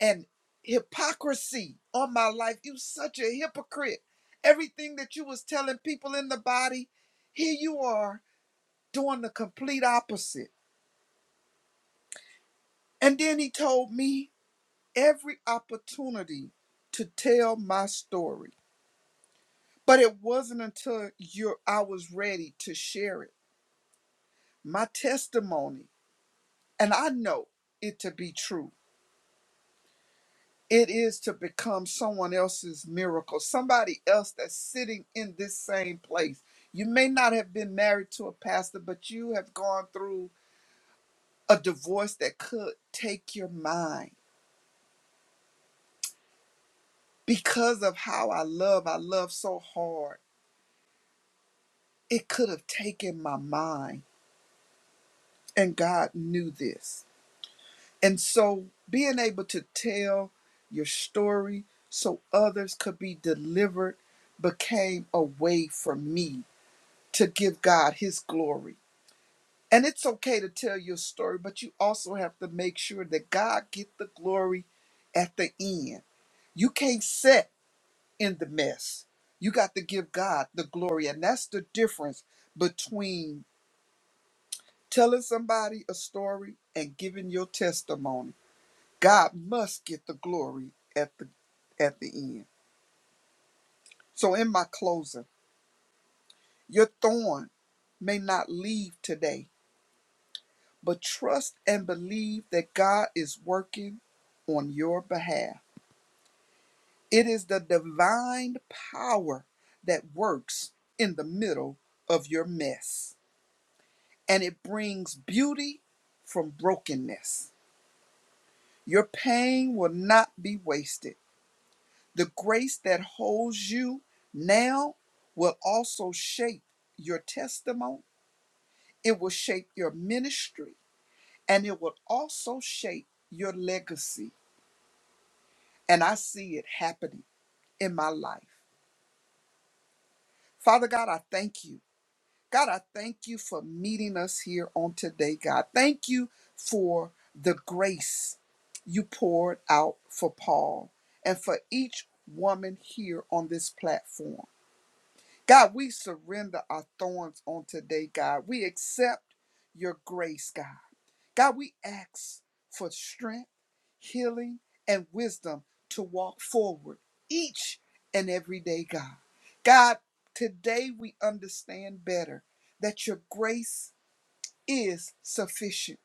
S4: and hypocrisy on my life. You such a hypocrite. Everything that you was telling people in the body, here you are doing the complete opposite. And then he told me every opportunity to tell my story. But it wasn't until you I was ready to share it. My testimony and I know it to be true. It is to become someone else's miracle, somebody else that's sitting in this same place. You may not have been married to a pastor, but you have gone through a divorce that could take your mind. Because of how I love, I love so hard, it could have taken my mind. And God knew this. And so being able to tell your story so others could be delivered became a way for me to give God his glory. And it's okay to tell your story, but you also have to make sure that God get the glory at the end. You can't sit in the mess. You got to give God the glory. And that's the difference between telling somebody a story and giving your testimony God must get the glory at the at the end. So in my closing, your thorn may not leave today, but trust and believe that God is working on your behalf. It is the divine power that works in the middle of your mess, and it brings beauty from brokenness. Your pain will not be wasted. The grace that holds you now will also shape your testimony, it will shape your ministry, and it will also shape your legacy. And I see it happening in my life. Father God, I thank you. God, I thank you for meeting us here on today, God. Thank you for the grace you poured out for Paul and for each woman here on this platform. God, we surrender our thorns on today, God. We accept your grace, God. God, we ask for strength, healing, and wisdom to walk forward each and every day, God. God, today we understand better that your grace is sufficient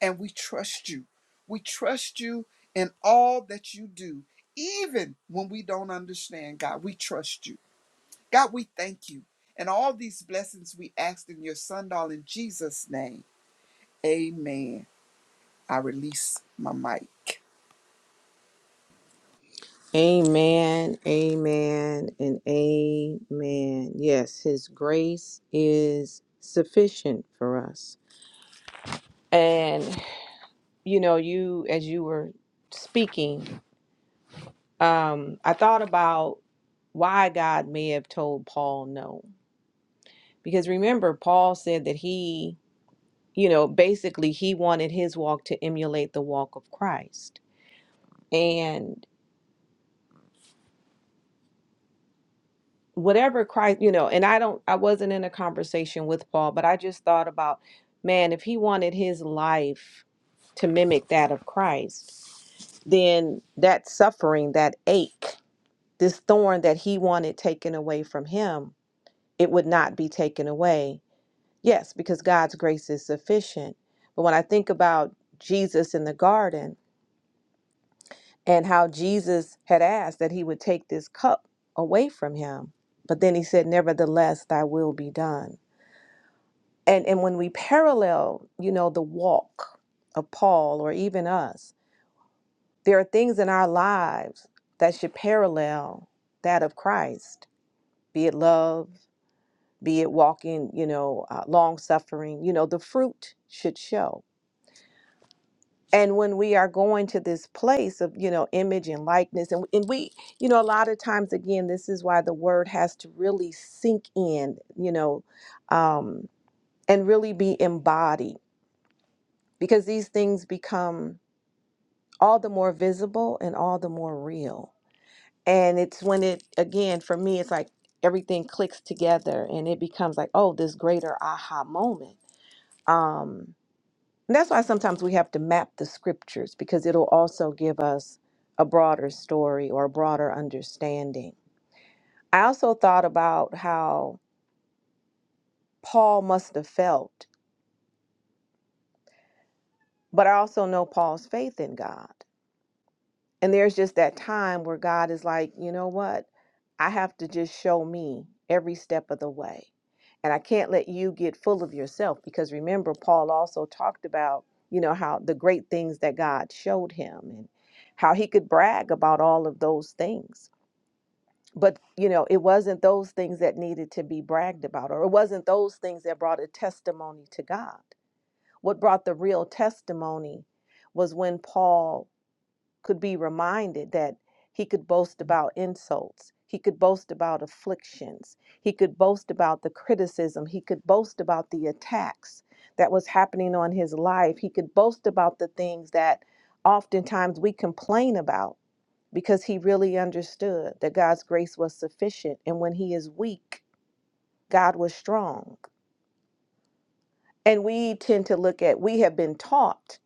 S4: and we trust you. We trust you in all that you do, even when we don't understand, God. We trust you. God, we thank you. And all these blessings we asked in your son, darling Jesus' name. Amen. I release my mic.
S2: Amen, amen, and amen. Yes, His grace is sufficient for us. And, you know, you, as you were speaking, um, I thought about why God may have told Paul no. Because remember, Paul said that he, you know, basically he wanted his walk to emulate the walk of Christ. whatever Christ, you know, and I don't, I wasn't in a conversation with Paul, but I just thought about, man, if he wanted his life to mimic that of Christ, then that suffering, that ache, this thorn that he wanted taken away from him, it would not be taken away. Yes, because God's grace is sufficient. But when I think about Jesus in the garden and how Jesus had asked that he would take this cup away from him, but then he said, Nevertheless, thy will be done and and when we parallel you know the walk of paul or even us there are things in our lives that should parallel that of christ be it love be it walking you know uh, long suffering you know the fruit should show and when we are going to this place of you know image and likeness and, and we you know a lot of times again this is why the word has to really sink in you know um and really be embodied because these things become all the more visible and all the more real. And it's when it, again, for me, it's like everything clicks together and it becomes like, oh, this greater aha moment. Um, and that's why sometimes we have to map the scriptures because it'll also give us a broader story or a broader understanding. I also thought about how Paul must have felt, but I also know Paul's faith in God. And there's just that time where God is like, you know what? I have to just show me every step of the way. And I can't let you get full of yourself because remember, Paul also talked about, you know, how the great things that God showed him and how he could brag about all of those things. But, you know, it wasn't those things that needed to be bragged about, or it wasn't those things that brought a testimony to God. What brought the real testimony was when Paul could be reminded that he could boast about insults, he could boast about afflictions, he could boast about the criticism, he could boast about the attacks that was happening on his life, he could boast about the things that oftentimes we complain about because he really understood that God's grace was sufficient and when he is weak, God was strong. And we tend to look at we have been taught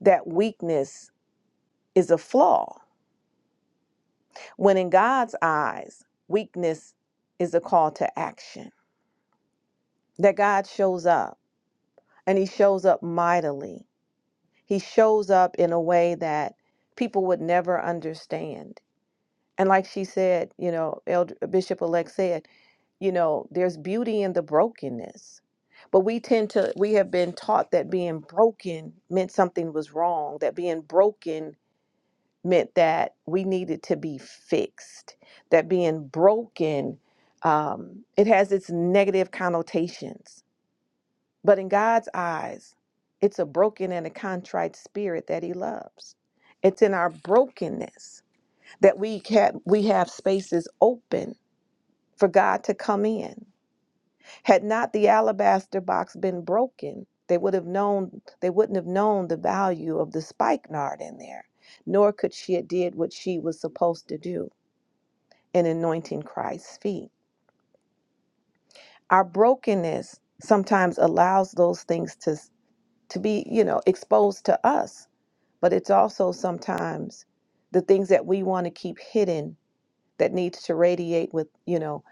S2: that weakness is a flaw When in God's eyes, weakness is a call to action, that God shows up and he shows up mightily. He shows up in a way that people would never understand. And like she said, you know, Elder, Bishop elect said, you know, there's beauty in the brokenness. But we tend to, we have been taught that being broken meant something was wrong, that being broken meant that we needed to be fixed, that being broken, um, it has its negative connotations. But in God's eyes, it's a broken and a contrite spirit that He loves. It's in our brokenness that we can we have spaces open for God to come in. Had not the alabaster box been broken, they would have known they wouldn't have known the value of the spikenard in there, nor could she have did what she was supposed to do. in anointing Christ's feet. Our brokenness sometimes allows those things to to be, you know, exposed to us, but it's also sometimes the things that we want to keep hidden that needs to radiate with, you know,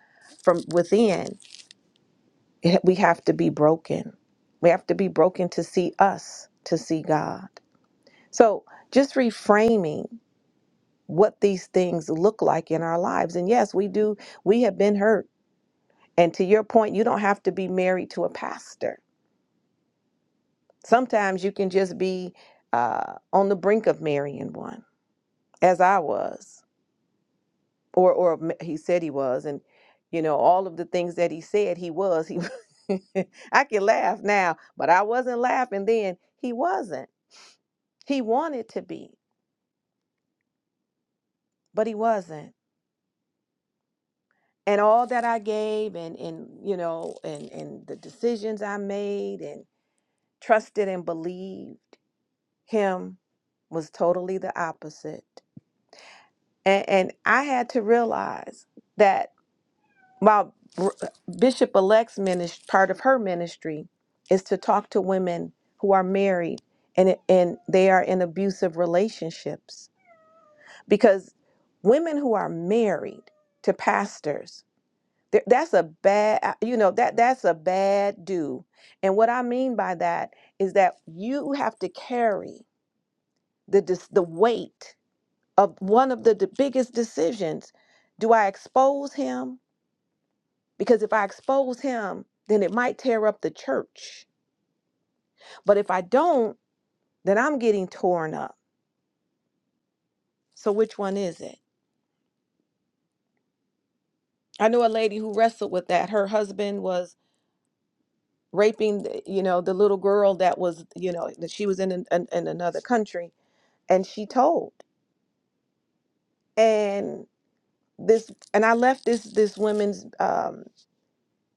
S2: from within. It- We have to be broken. We have to be broken to see us, to see God. So, just reframing what these things look like in our lives. And yes, we do we have been hurt And to your point, you don't have to be married to a pastor. Sometimes you can just be uh, on the brink of marrying one, as I was, or or m- he said he was, and you know all of the things that he said he was. He, [laughs] I can laugh now, but I wasn't laughing then. He wasn't. He wanted to be, but he wasn't. And all that I gave, and and you know, and and the decisions I made, and trusted and believed him was totally the opposite. And, and I had to realize that my r- uh, bishop elect's ministry, part of her ministry, is to talk to women who are married and, and they are in abusive relationships. Because women who are married to pastors, th- that's a bad, uh, you know, that that's a bad do. And what I mean by that is that you have to carry the dis- the weight of one of the, the biggest decisions do i expose him because if i expose him then it might tear up the church but if i don't then i'm getting torn up so which one is it i know a lady who wrestled with that her husband was raping the- you know the little girl that was you know that she was in an, an, in another country and she told and this and i left this this women's um,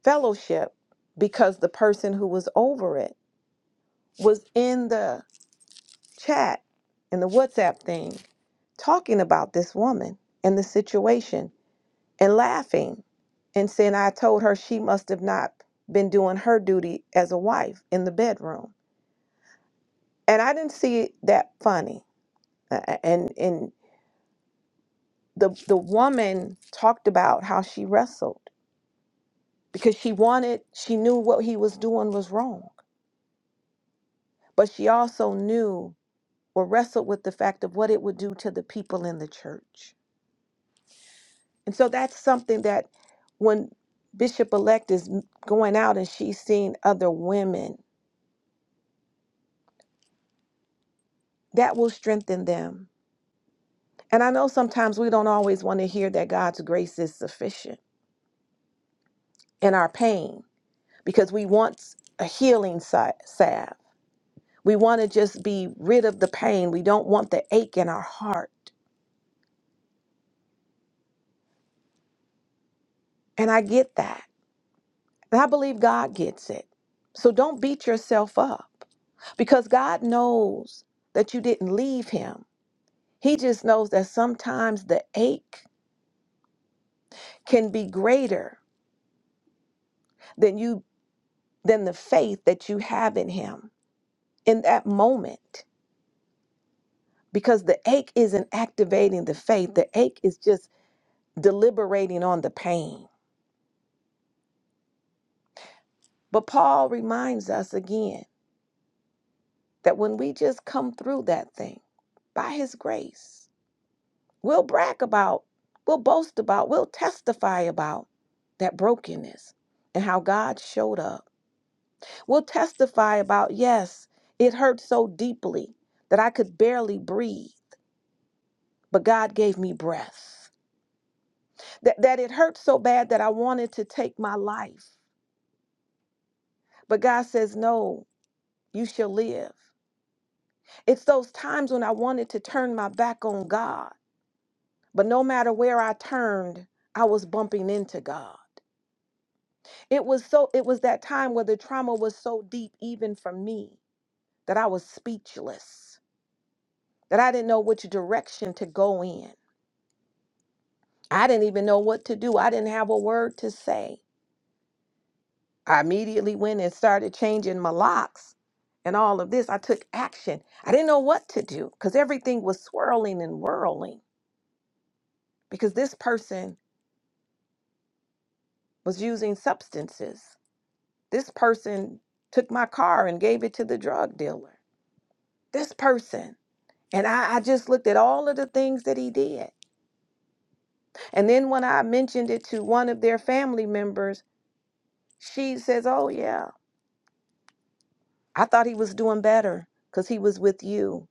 S2: fellowship because the person who was over it was in the chat and the WhatsApp thing talking about this woman and the situation and laughing and saying, I told her she must have not been doing her duty as a wife in the bedroom. And I didn't see it that funny. Uh, uh, And, and the, the woman talked about how she wrestled because she wanted, she knew what he was doing was wrong, but she also knew or wrestled with the fact of what it would do to the people in the church And so that's something that when Bishop elect is m- going out and she's seeing other women, that will strengthen them. And I know sometimes we don't always want to hear that God's grace is sufficient in our pain because we want a healing sa- salve. We want to just be rid of the pain. We don't want the ache in our heart. And I get that. And I believe God gets it. So don't beat yourself up because God knows that you didn't leave Him. He just knows that sometimes the ache can be greater than you than the faith that you have in him in that moment because the ache isn't activating the faith. The ache is just deliberating on the pain. But Paul reminds us again that when we just come through that thing by his grace, we'll brag about, we'll boast about, we'll testify about that brokenness and how God showed up will testify about yes, it hurt so deeply that I could barely breathe, but God gave me breath. That, that it hurt so bad that I wanted to take my life, but God says, no, you shall live. It's those times when I wanted to turn my back on God, but no matter where I turned, I was bumping into God. It was so it was that time where the trauma was so deep even for me that I was speechless, that I didn't know which direction to go in. I didn't even know what to do. I didn't have a word to say. I immediately went and started changing my locks and all of this. I took action. I didn't know what to do because everything was swirling and whirling because this person was using substances. This person took my car and gave it to the drug dealer. This person. And I, I just looked at all of the things that he did. And then when I mentioned it to one of their family members, she says, Oh, yeah. I thought he was doing better because he was with you.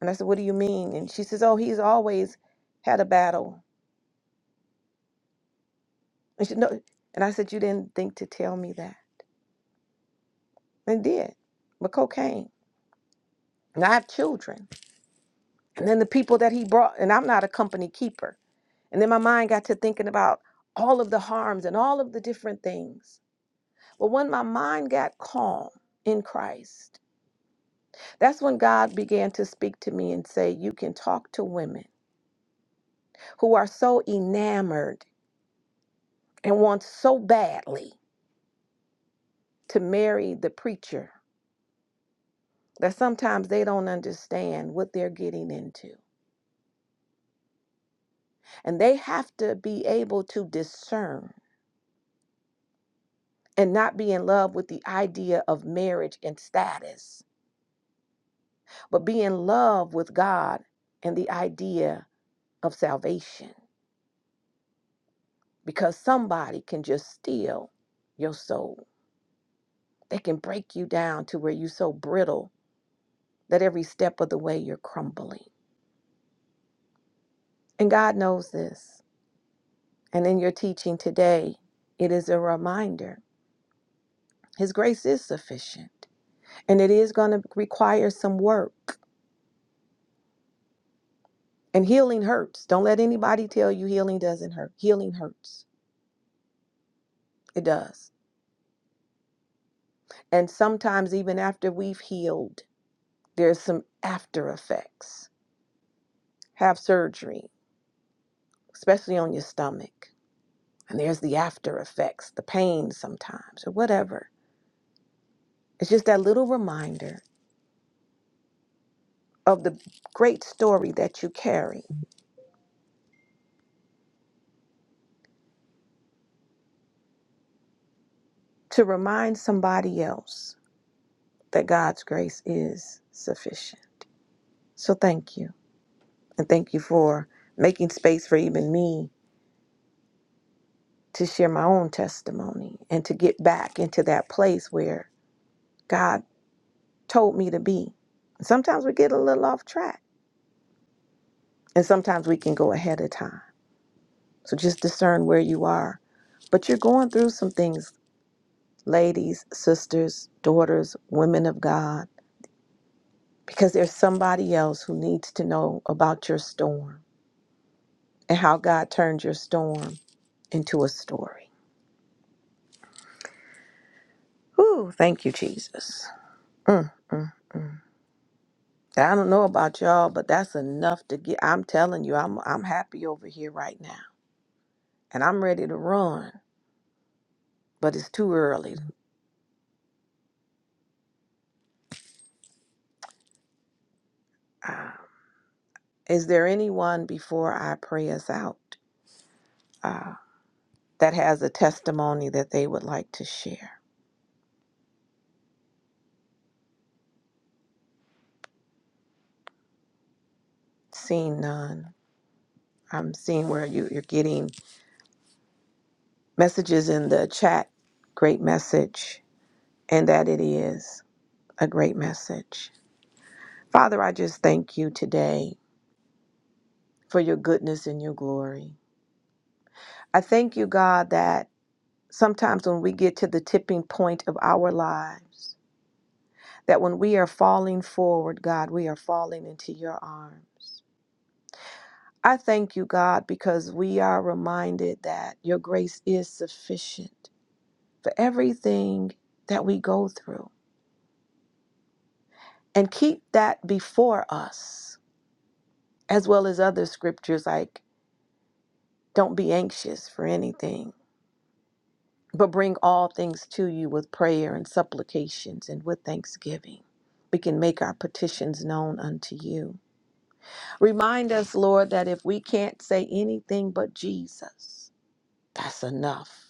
S2: And I said, What do you mean? And she says, Oh, he's always had a battle. And, she, no. and I said, You didn't think to tell me that. And did. But cocaine. And I have children. And then the people that he brought, and I'm not a company keeper. And then my mind got to thinking about all of the harms and all of the different things. But when my mind got calm in Christ, that's when God began to speak to me and say, You can talk to women who are so enamored and wants so badly to marry the preacher that sometimes they don't understand what they're getting into. And they have to be able to discern and not be in love with the idea of marriage and status, but be in love with God and the idea of salvation. Because somebody can just steal your soul, they can break you down to where you're so brittle that every step of the way you're crumbling. And God knows this. And in your teaching today, it is a reminder His grace is sufficient. And it is going to require some work. And healing hurts. Don't let anybody tell you healing doesn't hurt. Healing hurts. It does. And sometimes, even after we've healed, there's some after effects. Have surgery, especially on your stomach. And there's the after effects, the pain sometimes, or whatever. It's just that little reminder of the great story that you carry to remind somebody else that God's grace is sufficient. So thank you. And thank you for making space for even me to share my own testimony and to get back into that place where God told me to be. Sometimes we get a little off track and sometimes we can go ahead of time. So just discern where you are. But you're going through some things, ladies, sisters, daughters, women of God, because there's somebody else who needs to know about your storm and how God turned your storm into a story. Whew, thank you, Jesus. Mm, mm, mm. I don't know about y'all, but that's enough to get. I'm telling you, I'm I'm happy over here right now, and I'm ready to run, but it's too early. Uh, is there anyone before I pray us out uh, that has a testimony that they would like to share? Seeing none, I'm seeing where you, you're getting messages in the chat. Great message, and that it is. a great message. Father, I just thank you today for your goodness and your glory. I thank you, God, that sometimes when we get to the tipping point of our lives, that when we are falling forward, God, we are falling into your arms. I thank you, God, because we are reminded that your grace is sufficient for everything that we go through. And keep that before us, as well as other scriptures like, don't be anxious for anything But bring all things to you with prayer and supplications and with thanksgiving. We can make our petitions known unto you. Remind us, Lord, that if we can't say anything but Jesus, that's enough.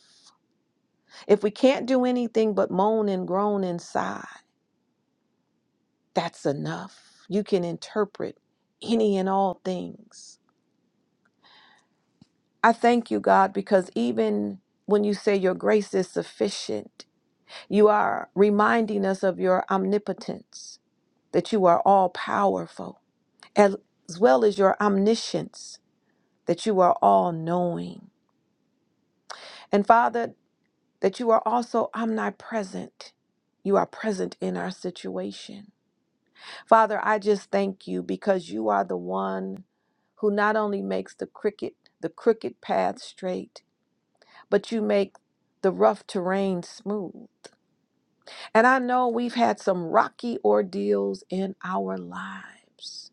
S2: If we can't do anything but moan and groan and sigh, that's enough. You can interpret any and all things. I thank you, God, because even when you say your grace is sufficient, you are reminding us of your omnipotence that you are all powerful, as well as your omniscience, that you are all knowing. And Father, that you are also omnipresent. You are present in our situation. Father, I just thank you because you are the one who not only makes the crooked the crooked path straight, but you make the rough terrain smooth. And I know we've had some rocky ordeals in our lives,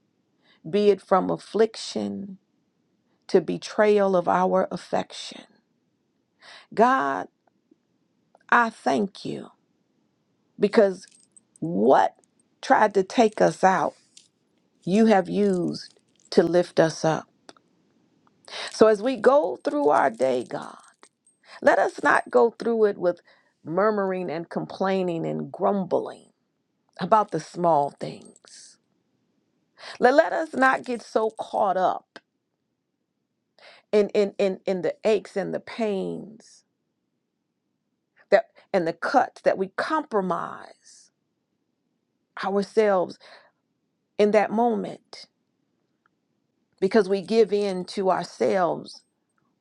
S2: be it from affliction, to betrayal of our affection. God, I thank you because what tried to take us out, you have used to lift us up. So as we go through our day, God, let us not go through it with murmuring and complaining and grumbling about the small things. Let, let us not get so caught up in, in, in, in the aches and the pains that and the cuts that we compromise ourselves in that moment because we give in to ourselves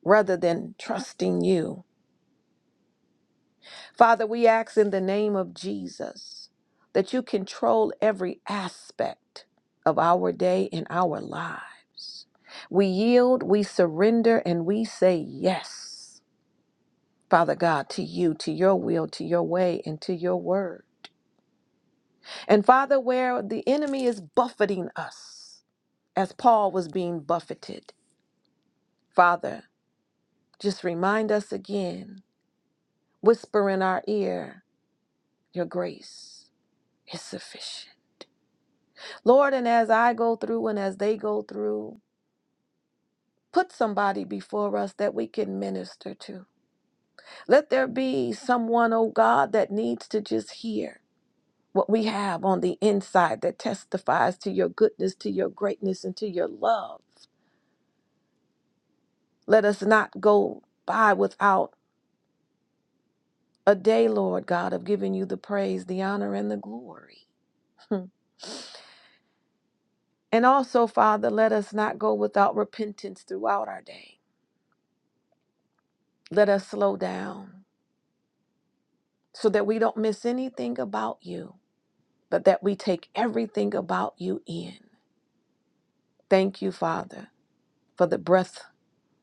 S2: rather than trusting you. Father, we ask in the name of Jesus that you control every aspect of our day and our lives. We yield, we surrender, and we say yes, Father God, to you, to your will, to your way, and to your word. And Father, where the enemy is buffeting us, as Paul was being buffeted, Father, Just remind us again, whisper in our ear, your grace is sufficient. Lord, and as I go through and as they go through, put somebody before us that we can minister to. Let there be someone, oh God, that needs to just hear what we have on the inside that testifies to your goodness, to your greatness, and to your love. Let us not go by without a day, Lord God, of giving you the praise, the honor, and the glory. [laughs] And also, Father, let us not go without repentance throughout our day. Let us slow down so that we don't miss anything about you, but that we take everything about you in. Thank you, Father, for the breath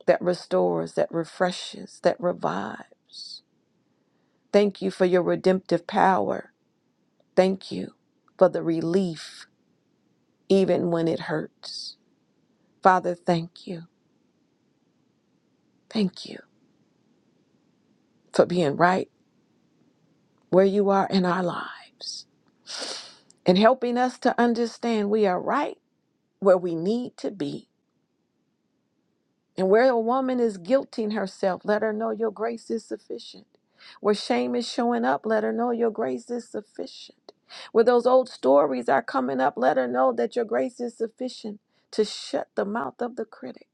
S2: that restores, that refreshes, that revives. Thank you for your redemptive power. Thank you for the relief, even when it hurts. Father, thank you. Thank you for being right where you are in our lives. and helping us to understand we are right where we need to be. And where a woman is guilting herself, let her know your grace is sufficient. Where shame is showing up, let her know your grace is sufficient. Where those old stories are coming up, let her know that your grace is sufficient to shut the mouth of the critic.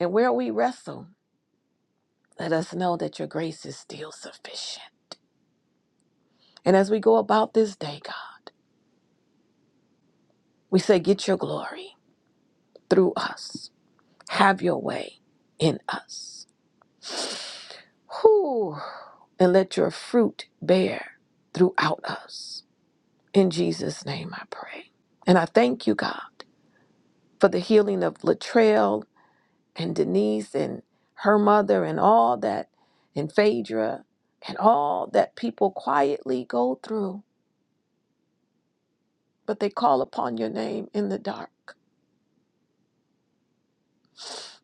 S2: And where we wrestle, let us know that your grace is still sufficient. And as we go about this day, God, we say, Get your glory through us. Have your way in us. Whew. And let your fruit bear throughout us. In Jesus' name I pray. And I thank you, God, for the healing of Latrell and Denise and her mother and all that, and Phaedra and all that people quietly go through, but they call upon your name in the dark.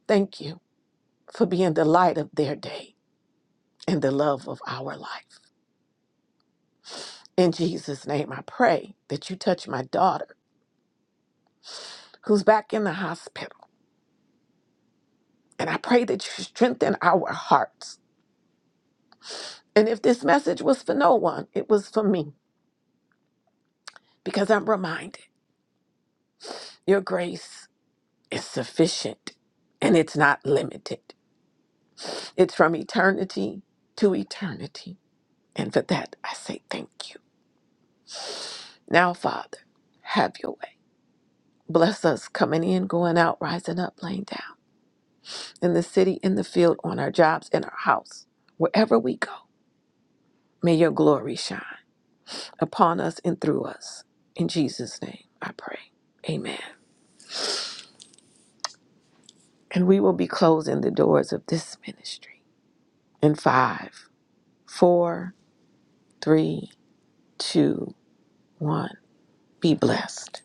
S2: Thank you for being the light of their day and the love of our life. In Jesus' name, I pray that you touch my daughter who's back in the hospital. And I pray that you strengthen our hearts. And if this message was for no one, it was for me because I'm reminded your grace is sufficient and it's not limited. It's from eternity to eternity. And for that, I say thank you. Now, Father, have your way. Bless us coming in, going out, rising up, laying down in the city, in the field, on our jobs, in our house, wherever we go. May your glory shine upon us and through us. In Jesus' name, I pray. Amen. And we will be closing the doors of this ministry in five, four, three, two, one. Be blessed.